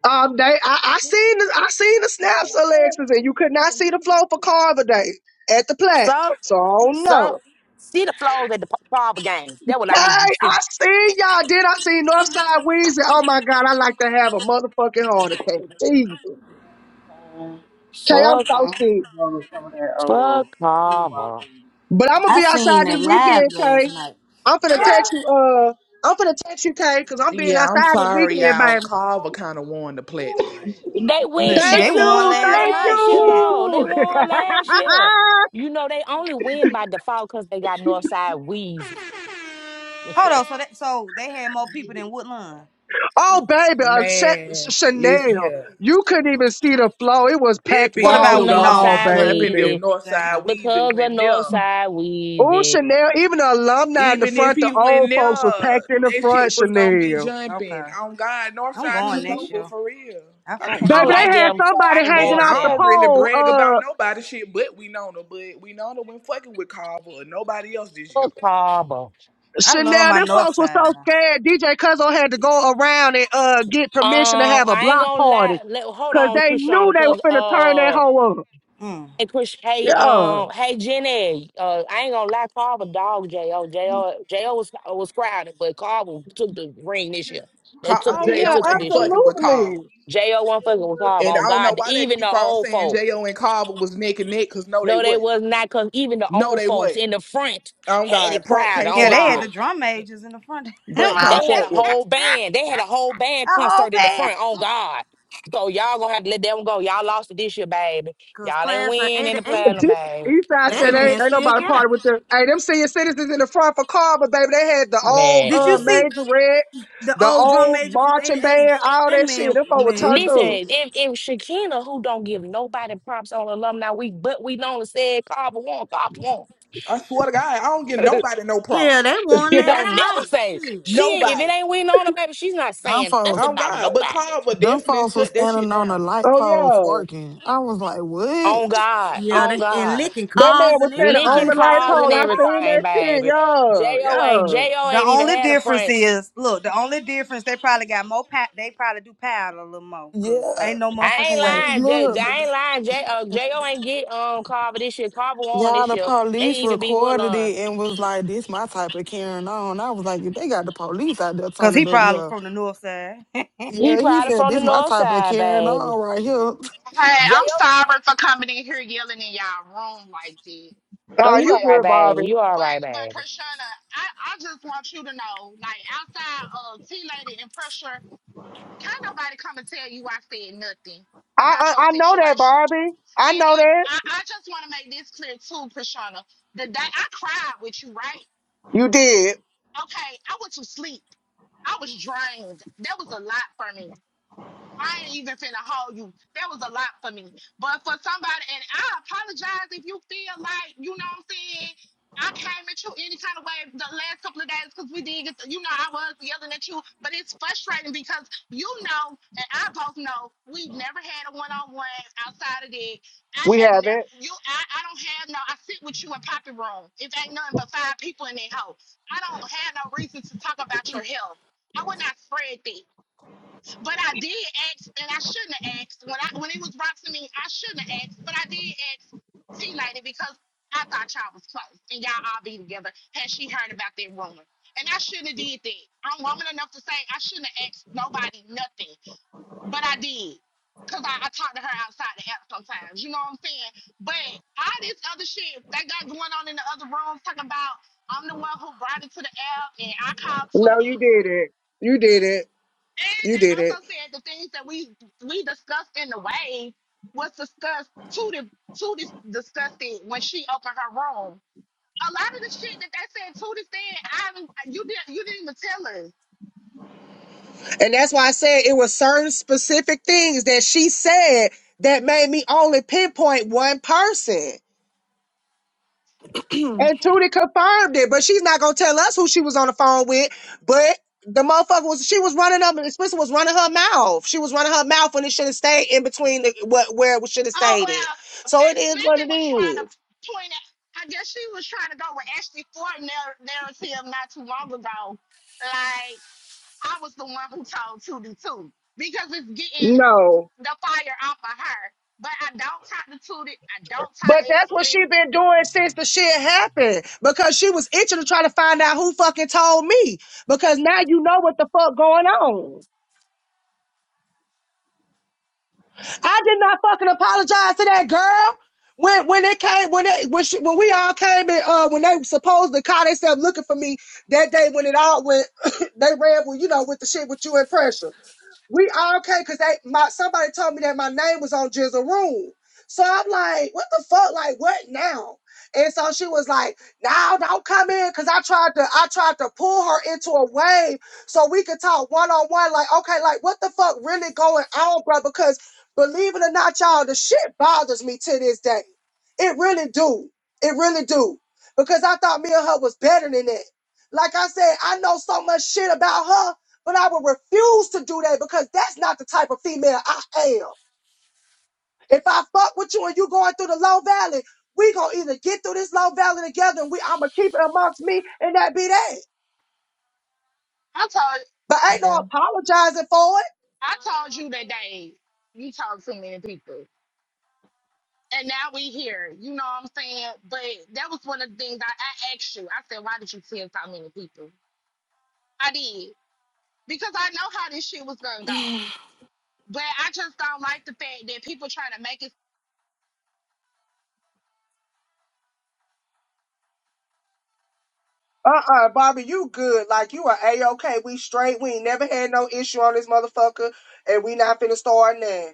D: Um, they, I, I seen the, I seen the snaps, Alexis, and you could not see the flow for Carver Day at the plat.
F: So,
D: So I don't
F: so
D: know.
F: see the flows at the Carver games. That's what I
D: Hey,
F: need you to
D: I
F: see.
D: seen y'all. Then I seen Northside Weezy. Oh my God, I like to have a motherfucking heart
A: drink
D: attack. Jesus.
A: is it?
D: Kay, I'm
F: Fuck,
A: Uh-uh.
D: so
A: I'm
D: sick.
A: just with some of that
F: fuck
A: uh, boonball
F: Carver.
A: thing.
D: But I'm gonna
C: I
D: be outside
C: seen it
D: this
C: live
D: weekend,
C: last
D: Kay.
C: night.
D: I'm finna text you. Uh, I'm finna text you, Kay, because I'm being
G: Yeah, I'm
D: outside this
G: sorry,
D: weekend,
G: y'all.
D: baby.
G: Carver kind of won the plat night.
F: They
C: No,
F: win.
C: shit,
F: They
D: Thank
C: they won
D: you,
F: won
C: last
D: thank
C: night.
F: last year
C: Shit.
F: though. They
D: you.
F: won last year. You know they only win by default because they got Northside Wheezy.
C: Hold on. So that so they had more people than Woodland.
D: Oh, baby, uh, Sha-
G: Man, listen
D: Chanel,
G: here.
D: you couldn't even see the floor. It was
G: That
D: packed
C: What
G: bitch
F: Cause the
D: wall
C: about
G: was
D: to
G: gonna
D: wall,
G: be
C: Winona?
F: Northside
G: jumping if
D: baby.
F: Wheezy.
G: Northside
C: Damn.
G: Weezy
F: Because of
G: went there.
F: Northside
D: Oh,
F: Wheezy.
D: Chanel, even the alumni in the
G: Even if
D: front, the
G: he went
D: old
G: there,
D: folks was packed in the
G: that
D: front,
G: shit was gonna be
D: Chanel.
G: jumping.
C: Okay.
G: On God,
C: I'm
G: Northside
C: going
G: took
C: next
G: over
C: year.
G: for real.
C: I
G: I
C: fuck with
F: I
C: the
G: can't
F: don't
D: Baby,
G: lie.
C: North.
D: they
F: like
D: had
F: them, so I
D: somebody
F: ain't
D: hanging
G: And
F: going for
D: off
G: I
D: the
F: them.
G: don't really
D: pole.
G: brag about
D: Uh,
G: nobody shit but we know Winona, but we know Winona when fucking with Carver or nobody else this year.
F: Fuck Harbor.
C: I love
D: Chanel,
C: my
D: them
C: north
D: folks was
C: side
D: so
C: now.
D: scared. DJ Cuzzo had to go around and uh get permission to
F: Um,
D: have a
F: I ain't
D: block
F: gonna
D: party
F: lie. Let, hold
D: because
F: on,
D: they knew
F: Trishana,
D: they were
F: cause
D: finna turn that
F: uh,
D: hoe up.
C: Mm.
F: Hey, Chris, hey,
D: Yeah.
F: um, hey, Jenny, uh, I ain't gonna lie, Carl a dog J.O. J.O. J.O. was, was crowded, but Carl took the ring this year. They took
G: Car-
D: Oh,
F: they
D: yeah,
G: J.O.
F: took it
G: ain't
F: this year.
G: fucking with
D: absolutely.
G: Carver.
F: J.O. wasn't fucking with Carl.
G: And
F: On
G: I don't know
F: God,
G: why they
F: even the
G: keep on
F: old
G: saying
F: folk.
G: J.O. and Carver was neck and neck, because no, they
F: No, they
G: wasn't.
F: was not, because even the
G: No,
F: old
G: they
F: folks
G: wasn't.
F: in the front
G: Oh,
F: had
G: God.
F: it
G: Pratt
F: crowded,
G: can't
F: on
C: Yeah,
G: fuck
C: they had
F: God.
G: with
C: the
G: him.
C: drum majors in the front. My
G: Pratt can't
F: They
C: whole a
F: had
G: fuck
F: a
G: with him.
F: whole band. They had a whole band
C: whole
F: concert in the
C: band.
F: front, on God. So y'all gonna have to let that one go. Y'all lost it this year, baby.
C: Cause
F: Y'all ain't
C: class of
F: winning
C: eighty
F: the
C: eight,
F: platinum, baby.
D: Eastside
C: that
D: said, ain't,
C: man
D: ain't
C: still
D: nobody
C: got
D: party
C: it.
D: with them. Hey, them senior citizens in the front for Carver, baby, they had the old
C: Did you
D: uh,
F: Man,
C: see
D: Major Red,
C: the
D: the
C: old drum
D: old
C: major from eighty
D: marching
C: eight?
D: band, all
C: That
D: that
C: man,
D: shit. Them folk were turned
F: listen,
D: up.
C: man.
F: if if Shakina, who don't give nobody props on alumni week, but we only said Carver won, Carver won.
G: I swear to God, I don't give nobody no
C: Hell,
G: props.
C: they won
F: she
D: Yeah.
C: last
F: don't never
C: night.
F: say
C: Shit.
F: she. If it
G: Nobody.
F: ain't we on her, baby, she's not
E: Them
F: saying
E: folks,
F: nothing
G: Oh,
F: about
G: God. But
F: nobody.
G: Carver
E: them
G: definitely
E: folks was
G: shut that shit
E: standing on a
G: down.
E: light
D: oh,
E: pole
D: yeah.
E: twerking. I was like, what?
F: On God,
C: Yeah, they,
F: on
C: and
F: God,
C: licking
D: That man
C: cars
D: was
C: and
D: standing
C: everything.
D: on
F: licking
D: the
C: I
D: light
C: said,
F: cars
C: what
D: pole.
F: and
C: the
D: I
C: fuck?
D: seen
F: everything,
D: that shit,
F: baby.
D: yo,
F: Jo ain't
D: yo.
F: Jo
C: The
F: ain't even
C: only
F: had a
C: difference
F: front.
C: is, look, the only difference they probably got more. Pa- they probably do paddle a little more,
E: Yeah.
C: cause ain't no
F: I ain't
C: motherfucking way.
E: Cause
F: lying. J,
E: look,
F: I ain't lying. J, uh, Jo ain't get um Carver this year. Carver won
E: Yeah,
F: this
E: the
F: year. They
E: police
F: even be
E: recorded
F: Woodlawn.
E: it and was like, "This my type of Karen." On, I was like, "If they got the police out there
C: Cause he
E: turning up,
C: probably was
E: yeah,
C: from the north side.
F: He
E: yeah." He
F: probably
C: Shit.
E: said,
F: from the
E: "This my
F: north
E: type of
F: side,
E: Karen
F: baby.
E: on right here."
K: Hey, I'm
F: J.O.
K: sorry for coming in here yelling in y'all room like that.
F: Oh,
D: Oh,
F: you all
D: you
F: right,
D: good,
F: babe.
D: Barbie.
F: You all right,
K: But but
F: babe.
K: Krishna, I, I just want you to know, like outside of T Lady and pressure, can't nobody come and tell you I said nothing about
D: I,
K: your
D: I I know that,
K: situation.
D: Barbie. I
K: And
D: know
K: it,
D: that.
K: I, I just want to make this clear too, Krishna. The day I cried with you, right?
D: You did.
K: Okay, I went to sleep. I was drained. That was a lot for me. I ain't even finna hold you. That was a lot for me. But for somebody, and I apologize if you feel like, you know what I'm saying, I came at you any kind of way the last couple of days because we did get, the, you know, I was yelling at you. But it's frustrating because you know, and I both know, we've never had a one on one outside of that. I
D: We
K: have
D: have
K: never,
D: it.
K: you, I, I don't have no, I sit with you in Poppy Room. It ain't nothing but five people in that house, I don't have no reason to talk about your health. I would not spread that. But I did ask, and I shouldn't have asked when I when it was Roxy me. I shouldn't have asked, but I did ask T Lady because I thought y'all was close and y'all all be together. Had she heard about that rumor, and I shouldn't have did that. I'm woman enough to say I shouldn't have asked nobody nothing, but I did. Cause I, I talk to her outside the app sometimes, you know what I'm saying? But all this other shit they got going on in the other rooms, talking about I'm the one who brought it to the app, and I called
D: No,
K: Tootie,
D: you did it. You did it.
K: and
D: You
K: they
D: did it.
K: also said the things that we we discussed in the wave was discussed. Tootie Tootie discussed it when she opened her room. A lot of the shit that they said, Tootie said, I haven't- you didn't you didn't even tell us.
D: And that's why I said it was certain specific things that she said that made me only pinpoint one person. And Tootie confirmed it, but she's not gonna tell us who she was on the phone with. But the motherfucker was she was running up and Spencer was running her mouth. She was running her mouth when it should have stayed in between the what where it should have
K: Oh
D: stayed at.
K: well,
D: So it is what
K: Smithy
D: it
K: was trying to
D: is.
K: point out. I guess she was trying to go with Ashley Ford narr- narrative not too long ago. Like I was the one who told Tootie too, because it's getting.
D: No.
K: the fire off of her. But I don't talk the to I don't talk
D: But
K: the
D: that's what she
K: explicit.
D: been doing since the shit happened because she was itching to try to find out who fucking told me because now you know what the fuck going on. I did not fucking apologize to that girl when when it came when it when she, when we all came in uh when they supposed to call themselves looking for me that day when it all went they ran with you know with the shit with you and pressure. We all okay because they my somebody told me that my name was on Jizzle Room. So I'm like, what the fuck? Like, what now? And so she was like, now don't come in. Cause I tried to I tried to pull her into a wave so we could talk one-on-one. Like, okay, like what the fuck really going on, bro? Because believe it or not, y'all, the shit bothers me to this day. It really do. It really do. Because I thought me and her was better than that. Like I said, I know so much shit about her but I will refuse to do that because that's not the type of female I am. If I fuck with you and you going through the low valley, we gonna either get through this low valley together and we I'ma keep it amongst me and that be that.
K: I told
D: But ain't no apologizing for it.
K: I told you that day you told too many people. And now we here. You know what I'm saying? But that was one of the things I, I asked you. I said, why did you send so many people? I did. Because I know how this shit was gonna go. But I just don't like the fact that people trying to make it
D: Uh-uh, Bobby, you good. Like, you are A-OK. We straight. We ain't never had no issue on this motherfucker, and we not finna start now.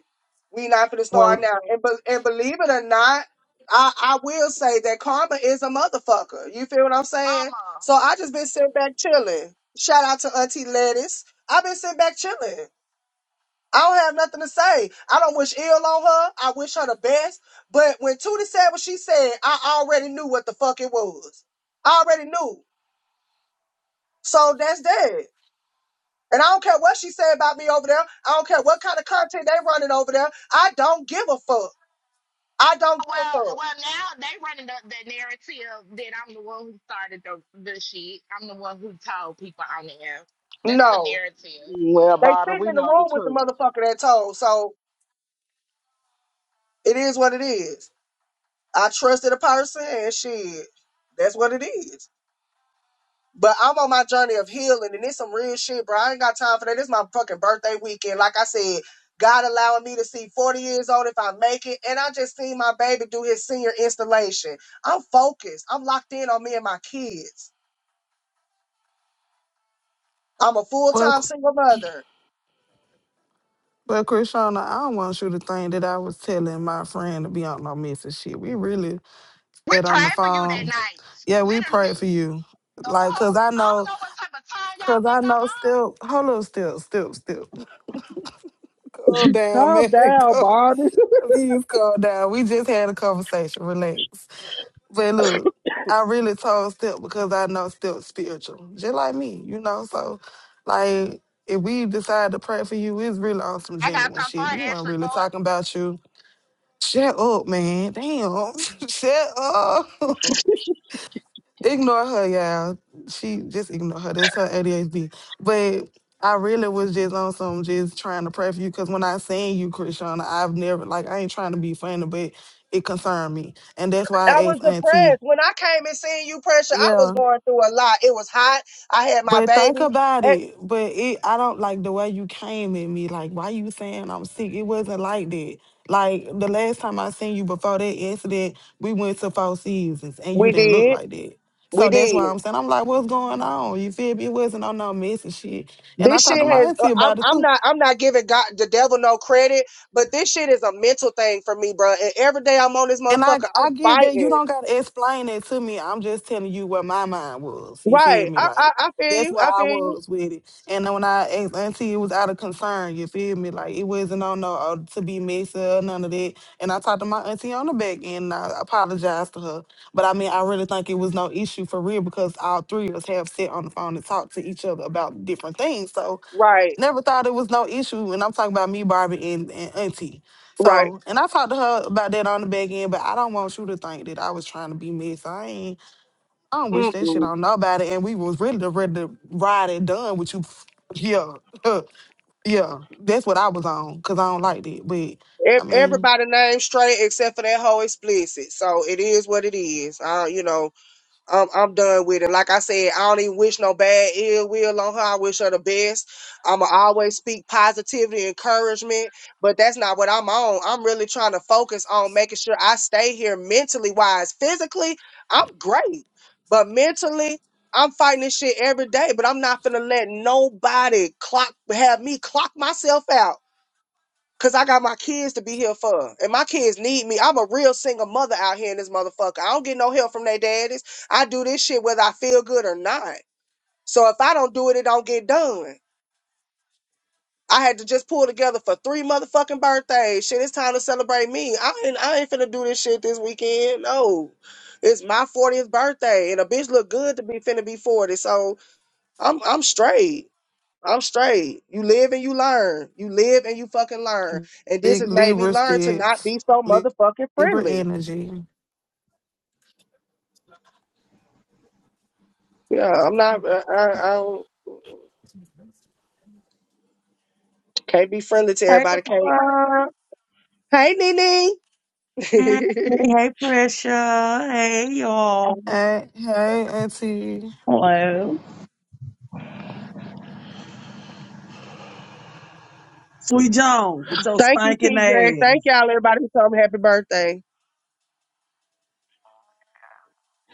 D: We not finna start
E: well,
D: now. And, be- and believe it or not, I, I will say that karma is a motherfucker. You feel what I'm saying?
K: mama.
D: So I just been sitting back chilling. Shout out to Auntie Lettuce. I've been sitting back chilling. I don't have nothing to say. I don't wish ill on her. I wish her the best. But when Tootie said what she said, I already knew what the fuck it was. I already knew. So that's that. And I don't care what she said about me over there. I don't care what kind of content they running over there. I don't give a fuck. I don't give a
K: Well,
D: fuck.
K: well, now they running the, the narrative that I'm the one who started the the shit. I'm the one who told people on the air. That's the
D: No.
K: narrative.
A: Mm, Well,
D: They
A: Barbie,
D: sitting
A: we
D: in the
A: know the
D: room with the
A: truth.
D: motherfucker that told. So it is what it is. I trusted a person and shit. That's what it is. But I'm on my journey of healing, and it's some real shit, bro. I ain't got time for that. It's my fucking birthday weekend. Like I said, God allowing me to see 40 years old if I make it. And I just seen my baby do his senior installation. I'm focused. I'm locked in on me and my kids. I'm a full
E: but
D: time single mother.
E: but Krishana, I don't want you to think that I was telling my friend to be on no messing shit. We really
K: We
E: said on the
K: prayed for you that
E: phone.
K: night.
E: Yeah, we prayed for
K: Literally,
E: you.
K: the
E: Like, cause
K: fuck.
E: I
K: I don't
E: know,
K: know what type of time y'all
E: cause
K: think
E: I
K: I'm
E: know.
K: on.
E: Still, hold up, still, still, still. Go down,
D: Calm
E: man.
D: down,
E: Go,
D: Bobby.
E: please go down. We just had a conversation. Relax. But look, I really told Step because I know Step's spiritual, just like me, you know. So, like, if we decide to pray for you, it's really on some
K: I got
E: genuine
K: time for
E: shit. We weren't
K: Ashley
E: really
K: Ford.
E: talking about you. Shut up, man. Damn. Shut up. ignore her, y'all. She just ignore her. That's her ADHD. But I really was just on some just trying to pray for you because when I seen you, Krishana, I've never like I ain't trying to be funny, but it concerned me. And that's why
D: I
E: I
D: was
E: asked Auntie.
D: depressed. When I came and seen you, pressure, I
E: Yeah.
D: was going through a lot. It was hot. I had my
E: But think
D: baby.
E: about
D: And
E: it. But it, I don't like the way you came at me. Like, why you saying I'm sick? It wasn't like that. Like the last time I seen you before that incident, we went to Four Seasons, and you
D: we
E: didn't look
D: did.
E: like that.
D: We
E: So that's
D: did.
E: why I'm saying I'm like, what's going on? You feel me? It wasn't on no messy shit. And I
D: This
E: talked to
D: shit
E: my
D: has. uh,
E: auntie
D: I'm.
E: about it
D: I'm
E: too.
D: not. I'm not giving God the devil no credit, but this shit is a mental thing for me, bro. And every day I'm on this
E: And I,
D: motherfucker,
E: I
D: I'm
E: get that you
D: fighting.
E: don't gotta explain that to me. I'm just telling you where my mind was. You feel
D: Right.
E: me?
D: I. I,
E: Like
D: I feel
E: that's
D: you.
E: where
D: I
E: I
D: feel you.
E: was with it. And then when I asked Auntie, it was out of concern. You feel me? Like it wasn't on no uh, to be messy or none of that. And I talked to my auntie on the back end. And I apologized to her, but I mean, I really think it was no issue for real because all three of us have sat on the phone and talked to each other about different things. So
D: Right.
E: never thought it was no issue. And I'm talking about me, Barbie, and, and Auntie.
D: Right.
E: So, and I talked to her about that on the back end, but I don't want you to think that I was trying to be messy. I ain't, I don't wish that shit
D: Mm-mm.
E: on nobody. And we was really ready to ride and done with you. Yeah, yeah, that's what I was on because I don't like that. But
D: Ev-
E: I mean,
D: Everybody name straight except for that whole explicit. So it is what it is. Uh, you know. I'm I'm done with it. Like I said, I don't even wish no bad ill will on her. I wish her the best. I'ma always speak positivity, encouragement, but that's not what I'm on. I'm really trying to focus on making sure I stay here mentally wise. Physically, I'm great, but mentally, I'm fighting this shit every day. But I'm not gonna let nobody clock have me clock myself out Cause I got my kids to be here for, and my kids need me. I'm a real single mother out here in this motherfucker. I don't get no help from their daddies. I do this shit whether I feel good or not. So if I don't do it, it don't get done. I had to just pull together for three motherfucking birthdays. Shit, it's time to celebrate me. I ain't, I ain't finna do this shit this weekend. No, it's my 40th birthday, and a bitch look good to be finna be 40. So I'm, I'm straight. I'm straight. You live and you learn. You live and you fucking learn. And this
E: big
D: has made me
E: Libra
D: learn to not
E: sits,
D: be so
E: Li-
D: motherfucking
E: Libra
D: friendly.
E: energy.
D: Yeah, I'm not. I, I, I don't, can't be friendly to
M: Hey,
D: everybody. Can't.
M: LeBron.
D: Hey, Nene.
M: Hey, hey, Pressure. Hey, y'all.
E: Hey, hey, Auntie.
M: Hello. Sweet Joan with your
D: Thank you,
M: stinking
D: TJ. Thank
M: ass.
D: y'all, everybody who told me happy birthday.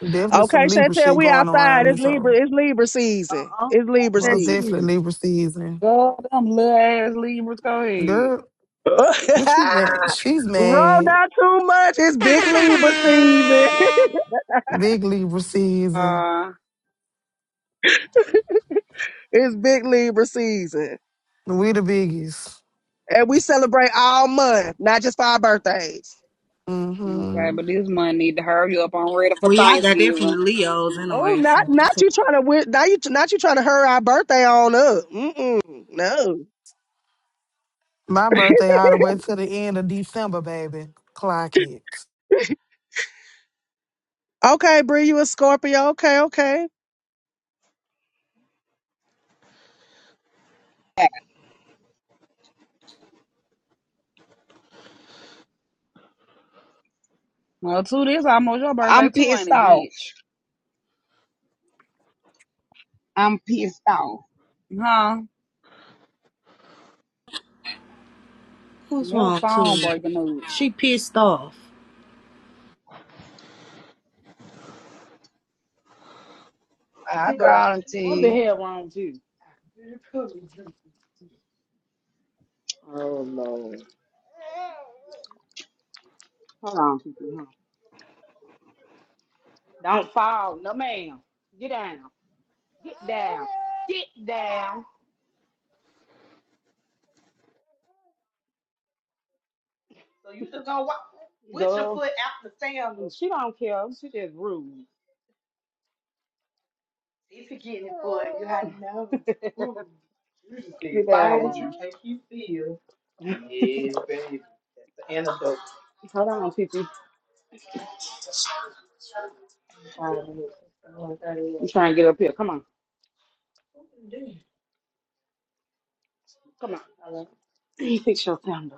E: Definitely
D: Okay,
E: some Libra
D: Chantel,
E: shit
D: we
E: going
D: outside.
E: around
D: It's
E: this
D: Libra.
E: whole.
D: It's Libra season.
M: Uh-uh.
D: It's
M: Fuck
D: Libra
M: That
E: Most
D: season.
M: shit.
E: definitely Libra season.
N: Go them little ass Libras. Go ahead.
E: Girl,
D: Roll
E: what you mad? She's mad.
D: not too much. It's big Libra season.
E: Big Libra season.
N: Uh,
D: it's big Libra season.
E: We the biggest.
D: and we celebrate all month, not just for our birthdays.
N: okay,
E: hmm
N: but this month need to hurry up. I'm ready for
C: Well, y'all got that from the
N: Thanksgiving.
C: Leos
D: Oh,
C: anyway,
D: not
C: so it's
D: not you trying to now you not you trying to hurry our birthday on up. Mm-mm, no.
E: My birthday all the way to the end of December, baby. Clock it.
D: Okay, Bree, you a Scorpio? Okay, okay.
N: Well, too, this almost your birthday
B: I'm
N: too, ain't
B: pissed
N: it,
B: off.
N: bitch?
B: I'm pissed off.
N: Huh?
C: What's
N: Your
C: wrong,
N: phone
C: too?
N: breaking up.
C: she pissed off.
B: I
A: But I-
B: called and tell
A: What the
B: you.
A: hell wrong with you? Oh, Lord. Hold on, Kiki. huh? Don't fall. No, ma'am. Get down. Get down. Get down. So you just gonna walk with your Duh. foot out the sand? Well, She don't care. She just rude. If you get it for it, you had to know. Mm. You just get Get down. bold. You think you feel. Yeah, baby. It's an antidote. Hold on, Kiki. I'm trying to get up here. Come on. Come on. fix your calendar.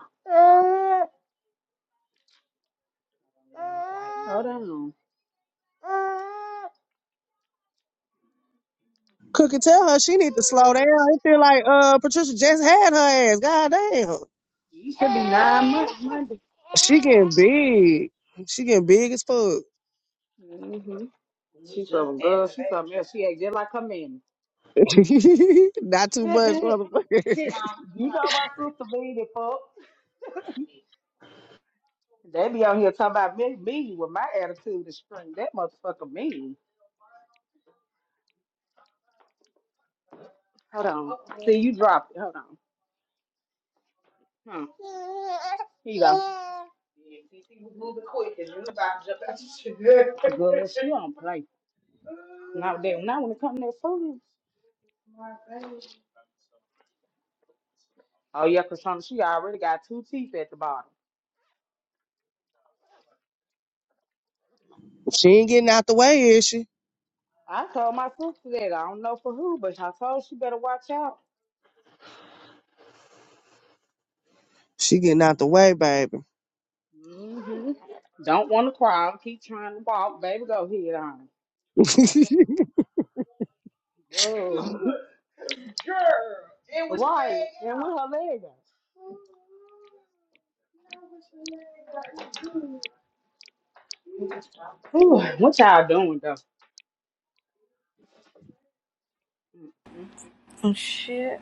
A: Hold on.
D: Cookie, tell her she need to slow down. I feel like uh Patricia just had her ass. God damn,
A: You should be nine months Monday.
D: she getting big. She getting big as fuck.
A: Mm-hmm. She's some girl. She's something else. She act just like her mammy.
D: not
A: you
D: too much, motherfucker.
A: know my sister mean it, fuck. They be on here talking about me, me with my attitude is straight. That motherfucker mean. Hold on. See, you dropped it. Hold on. Huh. Here you go. Girl, she don't play. Not that not when it comes to that food. Oh yeah, cause some she already got two teeth at the bottom.
D: She ain't getting out the way, is she?
A: I told my sister that I don't know for who, but I told she better watch out.
D: She getting out the way, baby.
A: hmm Don't want to cry. Keep trying to walk, baby. Go ahead on. Whoa. And with her Right, leg and with her leg out. Ooh, what y'all doing though? Mm-mm.
C: Oh, shit.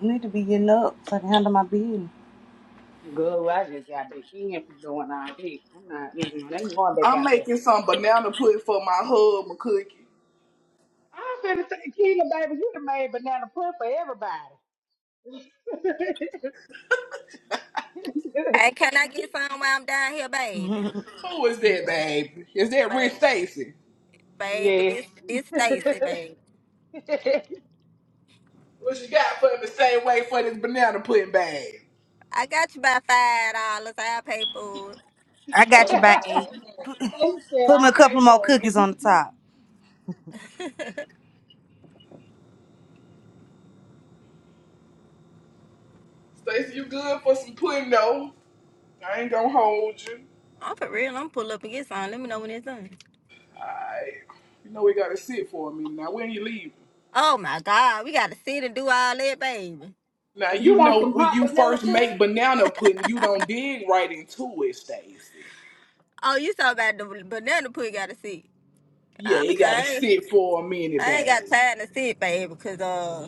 C: Need to be getting up so I can handle my business.
A: Good, I just got back in from doing all this. I'm not. Mm-mm. They ain't going back
G: I'm
A: out there.
G: making some banana pudding for my hub, McCookie.
A: I'm finna say, Kenya, baby, you done made banana pudding for everybody.
O: Hey, can I get some while I'm down here, baby?
C: Mhm.
G: Who is that, baby? Is that Rich
O: Baby,
G: Stacy?
O: baby,
A: Yeah.
O: this this Stacy, baby.
A: they
G: What you got for me? Same way for this banana pudding bag.
O: I got you by five dollars. I will pay for it.
C: I got you by eight.
A: said
G: Mm-hmm.
C: Put, put me a
A: I'll
C: couple
A: pay
C: more
A: for it.
C: cookies on the top.
G: Stacey, you good for some pudding though? I ain't gonna hold you.
O: I'm for real. I'm pull up and get some. Let me know when it's done.
G: Alright. You know we gotta sit for a minute now. When you leaving?
O: Oh my God, we gotta sit and do all that, baby.
G: Now
A: If
G: you
A: you want
G: know
A: some
G: when
A: hot
G: you
A: banana
G: first make
A: pudding,
G: banana pudding, you don't dig right into it, Stacey.
O: Oh, you talking about the banana pudding? Gotta sit.
G: Yeah,
O: I'm
G: you gotta
O: sorry,
G: sit for a minute,
O: I ain't
G: babe.
O: got time to sit, baby, because uh,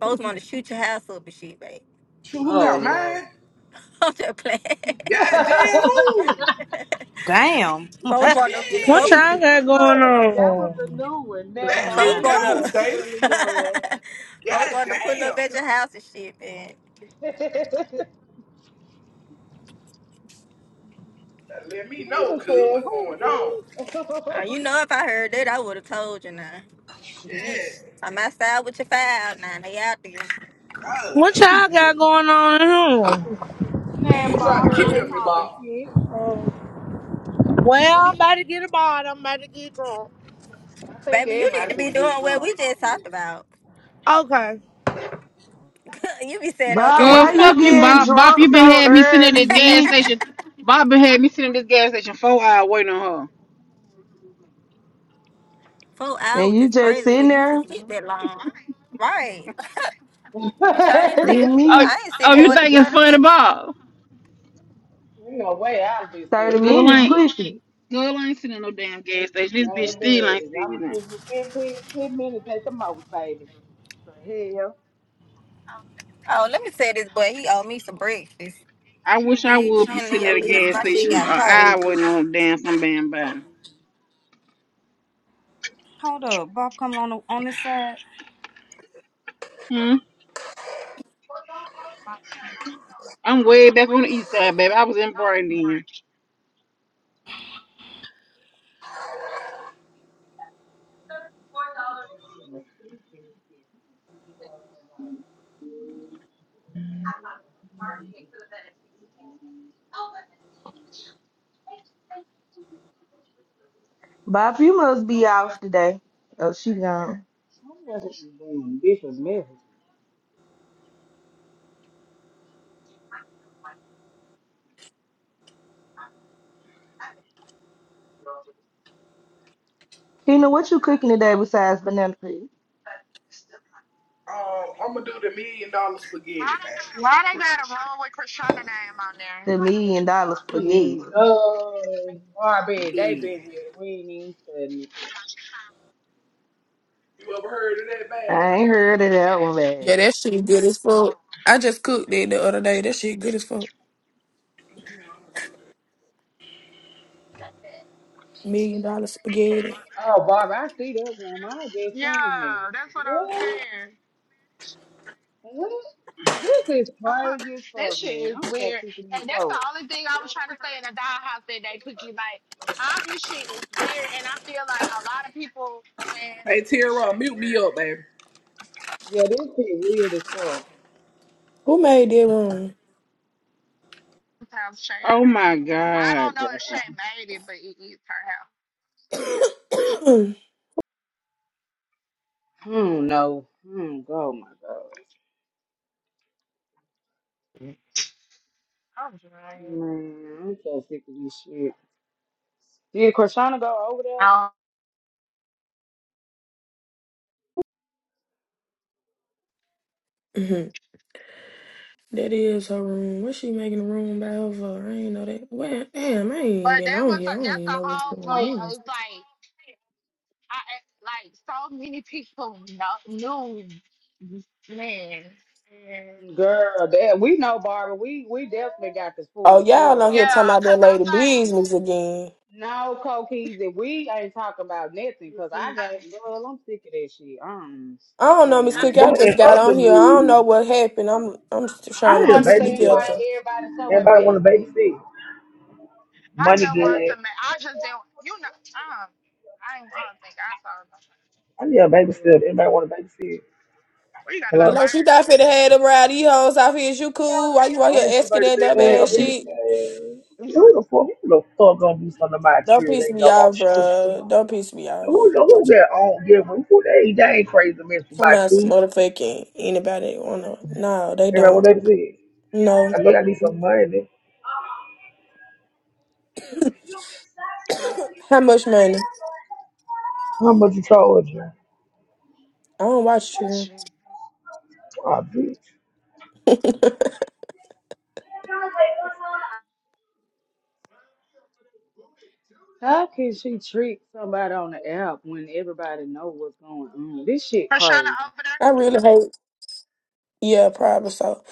O: folks want to shoot your house up and shit, baby.
G: Shoot, who
A: Oh
G: help mine?
A: Lord.
O: I'm just playing.
G: Goddamn who?
C: Damn.
O: Folks want to.
P: What
O: folks,
G: Shit.
P: y'all got going
A: look, that was a
P: on?
A: new one. Then
G: Let
A: Bob,
O: Folks
C: nah.
A: we
G: me
A: were
G: know,
O: wanna
A: here
G: Stacey.
A: killing girls.
O: folks
G: Goddamn,
O: wanna put up at your house and shit, man.
G: Let me know,
A: Peter
G: cuz
A: said,
G: what's
A: Who
G: going on?
A: me?
O: Uh, you know if I heard that I would have told you now.
G: Yeah,
O: You- I'm outside with your file now, they out there.
G: God.
P: What
G: please.
P: y'all got
G: They
P: going on in here?
A: Nan
G: tried
A: Bob
G: to
A: to the
G: kill
O: Nigga.
G: me,
A: talking
G: Bob.
A: kid.
P: Well, I'm about to get a bottle. I'm about to get drunk.
A: I think
O: Baby, you need
A: everybody
O: to be
A: finna get
O: doing what
A: gone.
O: we just talked about.
P: Okay.
O: you be saying
J: But
O: okay and
Q: Uh,
O: be
J: why
O: like,
Q: fuck
J: you
Q: you,
O: oh
J: getting
O: fuck
Q: Bob.
O: you, I
Q: Bob,
O: should
Q: you
J: drunk
O: do
Q: been
O: that
J: so
Q: had me sitting at
J: early,
Q: this gas
J: bitch?
Q: station.
O: shit.
Q: Bob been had me sitting at this gas station four hours waiting on her.
O: Four
J: And
O: hours
J: you
O: is
J: just
O: crazy for
J: sitting
O: you to
J: there
O: sleep that long. Right. Bitch, I ain't seen
J: getting
Q: Oh,
J: me
O: I ain't seen
Q: oh, you
O: more
A: Ain't
O: than
Q: think it's
O: thirty
Q: funny,
O: minutes.
Q: Bob?
A: no way I'll be still
J: 30
A: sitting
Q: Girl
J: minutes
A: there.
Q: ain't,
J: pushing.
Q: girl ain't sitting at no damn gas station. This bitch still ain't
A: Baby,
Q: sitting
A: I'm
Q: there.
A: gonna give you 15, ten minutes at the most, baby. the hell?
O: Oh, let me say this boy, he owe me some breakfast.
Q: I wish I
O: Bitch,
Q: would be
O: handle
Q: sitting
O: your
Q: at a
O: business.
Q: gas
O: My shit
Q: station an
O: got cold.
Q: hour waiting
O: Do
Q: on a damn some damn body.
C: Hold up, Bob coming on the, on this side.
Q: Hmm. I'm way back on the east side, baby. I was in Brighton then.
J: Bob, you must be off today. Oh, she gone.
A: Who was it was doing? Bishop messages.
J: Kina, what you cooking today besides banana peel?
G: Um, I'm gonna do the million dollar spaghetti bag.
K: Why they got a room with Krishana name on there?
J: The million dollar spaghetti.
A: Mm, Oh, Barbie, they
G: Mm.
A: been here. We ain't even studying it.
G: You ever heard of that
J: I
G: bag?
J: ain't heard of that one, man.
R: Yeah, that shit good as fuck. I just cooked it the other day. That shit good as fuck. Million dollar spaghetti.
A: Oh, Barbie, I see that one. I just seen that.
K: Yeah, that's what I was
A: What?
K: saying.
A: What? This is
K: Uh-huh.
A: crazy as
K: This
A: fuck,
K: shit
A: man.
K: is
A: I'm so
K: weird.
A: sick of you
K: And that's the
A: folks.
K: only thing I was trying to say in the dollhouse that day, Cookie. Like, all this shit is weird. And I feel like a lot of people, man,
G: Hey,
K: this
G: Tierra,
K: shit
G: mute me
K: weird.
G: up, baby.
A: Yeah, this shit weird as fuck.
R: Who made that room?
K: Sometimes Shay,
Q: Oh my
K: I, I
Q: god,
K: don't know
Q: bro.
K: if Shay made it, but it is her
A: Hmm, no. Hmm, oh my god.
K: house. I'm dry.
A: Man, I'm so sick of this shit. Did Krishana go over there?
K: Um,
R: Mhm. That is her room. What she making a room by her for? I ain't know that. Well, damn, I ain't
K: but
R: been
K: that
R: on
K: was the,
R: here. I don't
K: that's
R: even
K: the
R: know what's
K: whole
R: going
K: point.
R: on.
K: It's like I like so many people know, knew this man. Yeah,
A: Girl, that we know Barbara. We we definitely got the full
R: Oh, y'all on
A: story
R: here
A: on
R: talking
A: this.
K: Yeah,
R: about that
K: cause
R: lady
K: I'm like,
R: business again.
A: No, Cokeys, we ain't talking about nothing, cause
K: we.
A: I got it.
K: I,
A: girl. I'm sick of that shit. Um,
R: I don't
A: I
R: know,
A: ain't,
R: Miss
A: I
R: Cookie.
A: ain't,
R: I
L: What in
R: just got
L: other
R: on here. I don't know
L: news?
R: what happened. I'm I'm just
A: I
L: I
R: trying to
A: don't
L: need a
R: piece it
A: understand why
L: babysitter.
R: together.
A: everybody's so
L: Anybody want a
A: invested.
L: babysit?
K: I
L: Money
K: just wanted
L: good.
K: to make. I just didn't. You know, um, I ain't. I don't think I saw nothing.
L: I need a babysitter.
A: So,
L: Anybody want a babysit?
K: Where you gotta go
R: You
K: to
L: Hello?
R: know, she
K: work?
R: thought fit to had them rowdy hoes out here. Is you cool? Why you out
L: I need
R: here asking
L: somebody to
R: that
L: be
R: dumb
L: man, a
R: ass
L: big
R: shit?
L: man. Who the fuck, who the fuck gonna do something about
R: Don't
L: you?
R: piss
L: They
R: me
L: know I'm
R: off,
L: stupid.
R: bro. Don't piss me
L: Who
R: off.
L: the who get on give Who they they ain't crazy man for
R: Some
L: about
R: ass
L: two?
R: motherfucking anybody wanna. No, they
L: Everybody want
R: don't.
L: a babysit.
R: No.
L: I know I need some money.
R: How much money?
L: How much you charge you?
R: I don't watch Trigger.
K: Shoot.
L: Oh, bitch.
A: How can she trick somebody on the app when everybody know what's going on? This shit
K: Prashana
A: crazy.
K: over there.
R: I really hate. Yeah, probably so.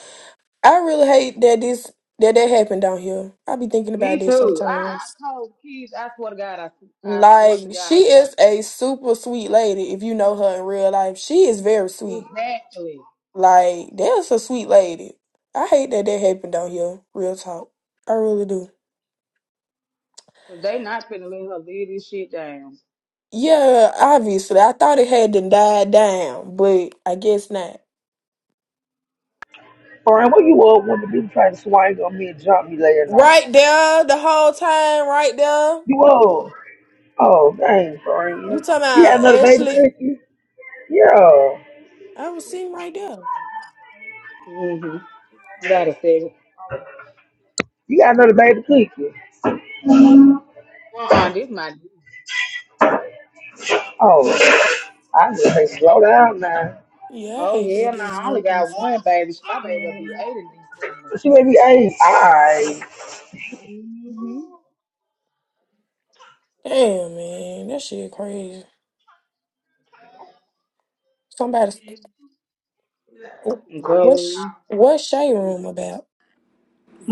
R: I really hate that this that that happened down here. I be thinking
A: Me
R: about this
A: too. I,
R: sometimes.
A: I told kids, I swear to God, I, I swear to
R: Like
A: God,
R: she
A: I
R: is
A: do.
R: a super sweet lady. If you know her in real life, she is very sweet.
A: Exactly.
R: Like that's a sweet lady. I hate that that happened down here. Real talk. I really do.
A: Cause they not finna let her leave this shit down.
R: Yeah, obviously. I thought it had to die down, but I guess not.
L: Brian, what you all want to do? Try to swing on me and jump me later night.
R: Right there, the whole time, right there.
L: You all? Oh, dang,
R: You
L: Brian.
R: talking
L: You got
R: about
L: another baby
R: Ashley?
L: cookie? Yeah.
R: I was sitting right there.
A: mm hmm You Gotta say,
L: You got another baby cookie?
A: uh-uh, this my.
L: Oh, I just say
A: dick.
L: slow down now.
R: Yeah, I
A: Oh
R: hate
A: yeah,
R: that
A: no,
R: damn
A: I only
R: helping.
A: got one baby. So My baby will be eight in December.
L: She may be eight. I,
A: Mm-hmm.
R: Damn, man, that shit crazy. Somebody, what's
A: Go.
R: what's Shay room about?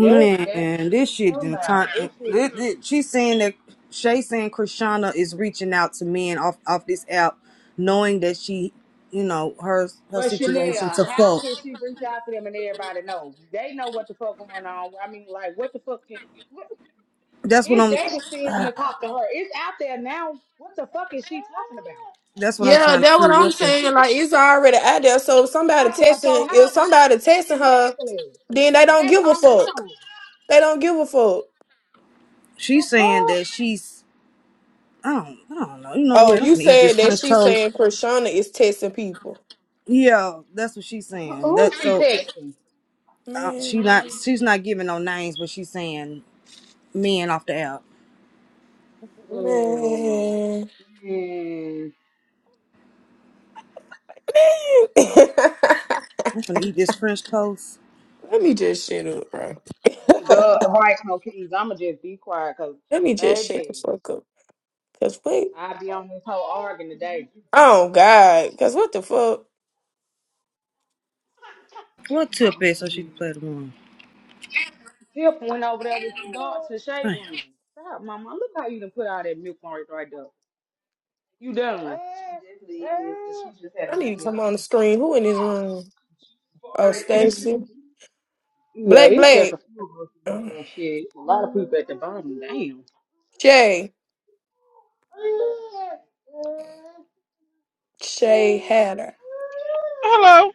A: That that's what
C: this
A: we
C: shit
A: talking
C: didn't turn.
A: about. This
C: This,
A: shit.
C: this, she's saying that Shay saying Krishana is reaching out to men off off this app, knowing that she, you know, her her
A: But Chanel,
C: situation to
A: how
C: fuck.
A: can she reach out to them and everybody knows? They know what the fuck going on. I mean, like, what the fuck? Can, what,
C: That's what
A: it's
C: I'm.
A: their decision to talk to her. It's out there now. What the fuck is she talking about?
C: that's what I'm
R: Yeah,
C: trying to
R: that's
C: see.
R: what I'm
C: What the?
R: saying. Like it's already out there. So if somebody
A: Out there,
R: texting,
A: so
R: if
A: how
R: somebody texting her,
A: exactly?
R: then they don't
A: That's
R: give a
A: on
R: fuck.
A: them.
R: They don't give a fuck.
A: The
C: She's saying
A: fuck?
C: that she's. I don't. I don't know. You know
R: Oh,
C: what? I'm
R: you
C: gonna eat
R: said
C: this
R: that
C: French
R: she
C: toast.
R: saying Krishana is testing people.
C: Yeah, that's what she's saying.
A: Who
C: That
A: she
C: so
A: texting?
C: uh, she not.
R: Man,
C: She's not giving no names, but she's saying men off the app.
A: Good.
R: man, man.
A: Man,
C: I'm gonna eat this French toast.
R: Let me just shut up, bro.
A: God, right, no keys. I'ma just be quiet, cause
R: Let me just shut the
A: baby,
R: fuck up. Cause wait.
A: I be on this whole arguing today.
R: Oh God. Cause what the fuck?
C: What tip is so she can play the one?
A: Tip went over there with the dog to the shade
C: Damn.
A: room. Stop, mama. Look how you done put all that milk on it right there. You done.
R: I need to come on the screen. Who in this room? Oh, Stacy.
A: Yeah,
R: Black
A: it's just a
R: Black.
A: few of us. Well, shit, a lot of people at the bottom. Damn.
R: Shay. Shay Hatter.
Q: Hello.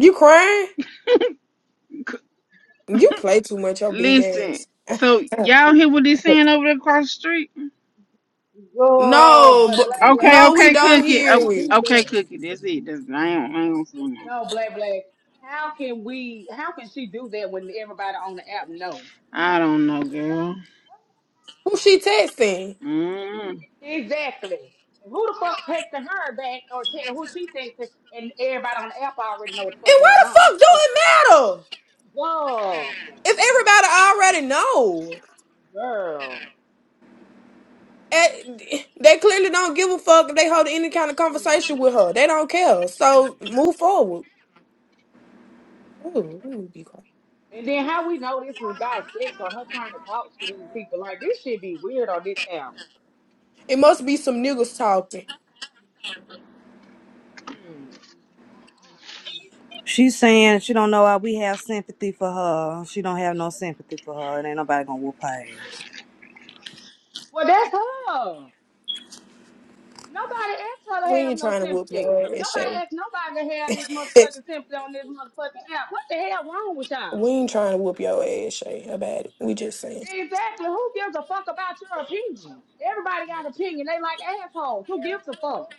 R: You crying?
Q: C-
R: You play too much, your big ass.
Q: Listen. So y'all hear what they saying over there across the street?
A: Girl,
R: no,
A: but black
R: but
A: black.
Q: Okay,
R: no, we
Q: okay,
R: don't
A: How
Q: cookie.
A: can
Q: O-
A: she
R: hear you.
A: do
Q: Okay,
A: that?
Q: cookie. That's it. That's, I don't. I don't see no.
A: No, Black Black. How can we? How can she do that when everybody on the app know?
Q: I don't know, girl.
R: Who she texting?
Q: Mm.
A: Exactly. Who the fuck texting her back or te- who she texting? And everybody on the app already know what the fuck
R: And why
A: going
R: the
A: on.
R: fuck do
A: So,
R: it matter?
A: girl,
R: If everybody already know.
A: girl. girl,
R: Eh, they clearly don't give a fuck if they hold any kind of conversation with her. They don't care.
A: girl.
R: So move forward. Ooh, let me be quiet.
A: And then how we know this was about sex or her trying to talk to these people? Like this should be weird on this app.
R: It must be some niggas talking.
A: Hmm.
C: She's saying she don't know why we have sympathy for her. She don't have no sympathy for her, and ain't nobody gonna whoop her ass.
A: Well, that's her. Nobody asked her to
R: We
A: have
R: ain't
A: no
R: trying to whoop
A: sympathy.
R: your ass,
A: Nobody
R: Shay.
A: asked nobody to have this motherfucking sympathy on this motherfucking app. What the hell wrong with
R: we
A: y'all?
R: ain't trying to whoop your ass, Shay, about it. We just saying.
A: Exactly. Who gives a fuck about your opinion? Everybody got an opinion. They like assholes. Who gives a fuck?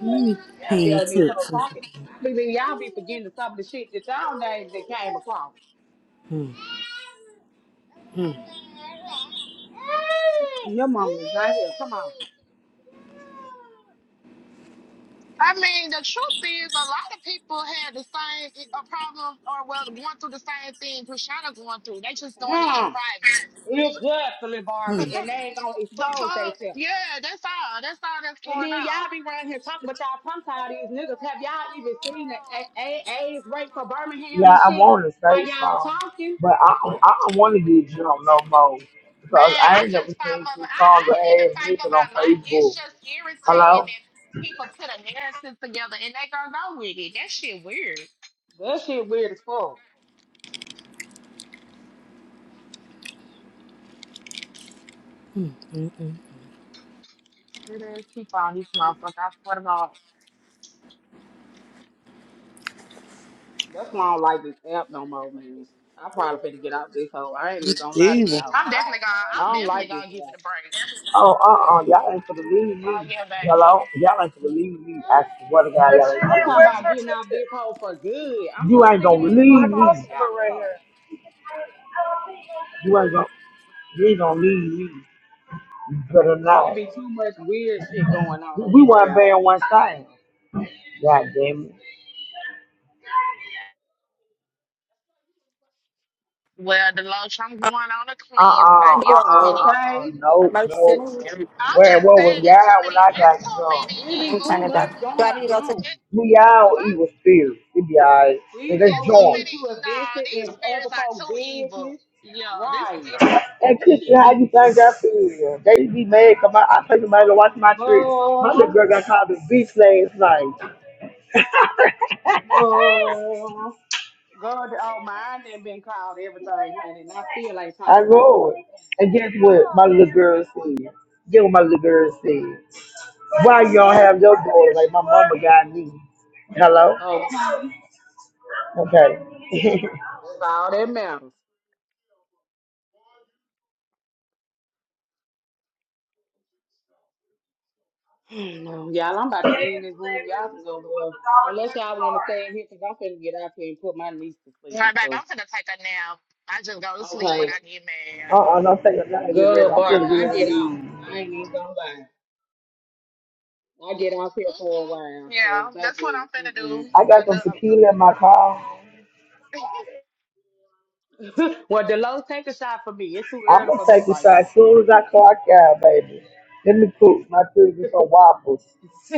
C: Let me
A: Y'all be
C: ping
A: on this whole
C: tips.
A: pocket. I believe y'all be forgetting some of the shit that y'all names that came across.
C: Hmm, hmm,
A: Your mama is right here. Come on.
K: I mean, the truth is, a lot of people had the same i- a problem or well, going through the same thing Prashana going through. They just doing it in
A: Mm.
K: private.
A: Exactly,
K: The
A: Barbie.
C: hmm.
A: And they ain't gonna explode
K: fuck?
A: themselves.
K: Yeah, that's all. That's all that's
A: And
K: going
A: then
K: on.
A: y'all be around here talking about y'all punk all these niggas. Have y'all even seen the A- A- A's rate for Birmingham
L: yeah,
A: and
L: I
A: shit
L: want to
A: while
L: say
A: y'all
L: something,
A: talking?
L: but I, I don't want to get jumped no more
K: Man,
L: because I
K: I
L: ain't never
K: just fight
L: seen
K: for my, I, I
L: Kusandra
K: didn't even
L: ass
K: fight for
L: naked
K: my
L: on
K: life. It's
L: Facebook.
K: just irritating
L: Hello?
K: that people put a narrative together and they gonna go with it. That shit weird.
A: That shit weird as fuck.
K: It is people on this motherfucker. I swear to God.
A: That's why I don't like this app no more, man. I probably finna get out this hole. I ain't even
C: It's
A: gonna lie to
C: evil.
A: y'all.
K: I'm definitely gonna
A: I
K: I'm
A: don't
K: definitely
A: like this
K: gonna give
A: app.
K: it a break.
L: Oh, uh, uh y'all ain't for the leave
K: Oh
L: me.
K: yeah,
L: Hello,
K: baby.
L: y'all ain't for the leave me. I swear to God, y'all ain't for the leave
A: I'm
L: me.
A: talking about getting out this hole for good. I'm
L: You
A: so
L: ain't
A: sick of
L: gonna leave me.
A: these folks on this app, bro.
L: You ain't gonna, you ain't gonna leave me. You better
A: It
L: not.
A: be too much weird shit going on
L: We,
A: on
L: we
A: this
L: weren't
A: app.
L: bearing one thing. God damn it.
K: Well the loach I'm going on a
L: Uh, uh, uh,
K: cleanse,
L: uh,
K: baby. It's
O: a,
K: too
L: uh,
O: uh,
K: many
L: uh.
A: Okay?
L: No,
O: emergency
L: no.
K: it's,
O: move.
K: I'm
L: Where,
K: just
L: what was
K: saying it's too
L: y'all
K: many
L: when I got
K: it's too
L: drunk?
K: many
A: It
O: I
A: be
O: ain't
K: evils.
A: too
O: turning it
A: much
O: down.
A: going
O: Do I need to go to
A: on.
K: It,
L: We all
K: first,
L: evil spirits. It be alright. So
A: These
L: let's
K: it's
A: folks
K: too
L: join
A: being
L: 'em.
K: many
A: too
K: nah,
A: invested in
K: these
A: other
K: spirits are
A: folks'
K: too evil.
A: business.
K: Yeah, this
A: Right.
K: different.
L: And
A: This
L: Cookie,
A: should
L: how you
A: be
L: thank God for They be mad 'cause my, I take somebody to watch my church. My little
A: girl,
L: girl got called a beach last night.
A: girl. God all mine and been called everything, honey, and I still ain't
L: I
A: talked about
L: rolled.
A: nobody.
L: And guess what my little girl said? Guess what my little girl said? Why
A: Hmm.
L: y'all have your daughter like my mama got me? Hello?
A: Okay.
L: Okay.
A: All that matters. Mm, No, y'all, I'm about to end this room. Y'all can go there. Unless y'all want to stay in here, because I'm finna get out here and put my niece to sleep and
K: Nah, baby,
A: stuff.
K: I'm gonna take a nap. I just go to sleep when
A: Okay.
K: I get mad.
L: uh-uh, don't take a night. Get ready.
A: Good,
L: I'm
A: Barbie.
L: gonna get
A: I
L: ready
A: get
L: to
A: off.
L: leave.
A: I ain't even gonna lie. I get off here for a
K: hmm
A: while,
K: Yeah,
A: cause
K: that's what
A: baby,
K: I'm finna
A: mm-mm.
K: do.
L: I
K: I
L: got some
K: know I'm
L: tequila in my car.
K: gonna, Mm-mm.
A: Well, Delos, take a shot for me. It's too
L: I'm
A: early
L: gonna
A: for me
L: take a
A: right
L: shot
A: now.
L: as soon as I clock out, baby. Let me cook my children some waffles.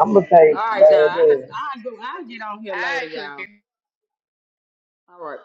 L: I'm gonna take,
A: All right, y'all. I
L: it, baby.
A: I go. I'll get on here
K: I
A: later,
K: cook
A: y'all.
K: it.
A: All right.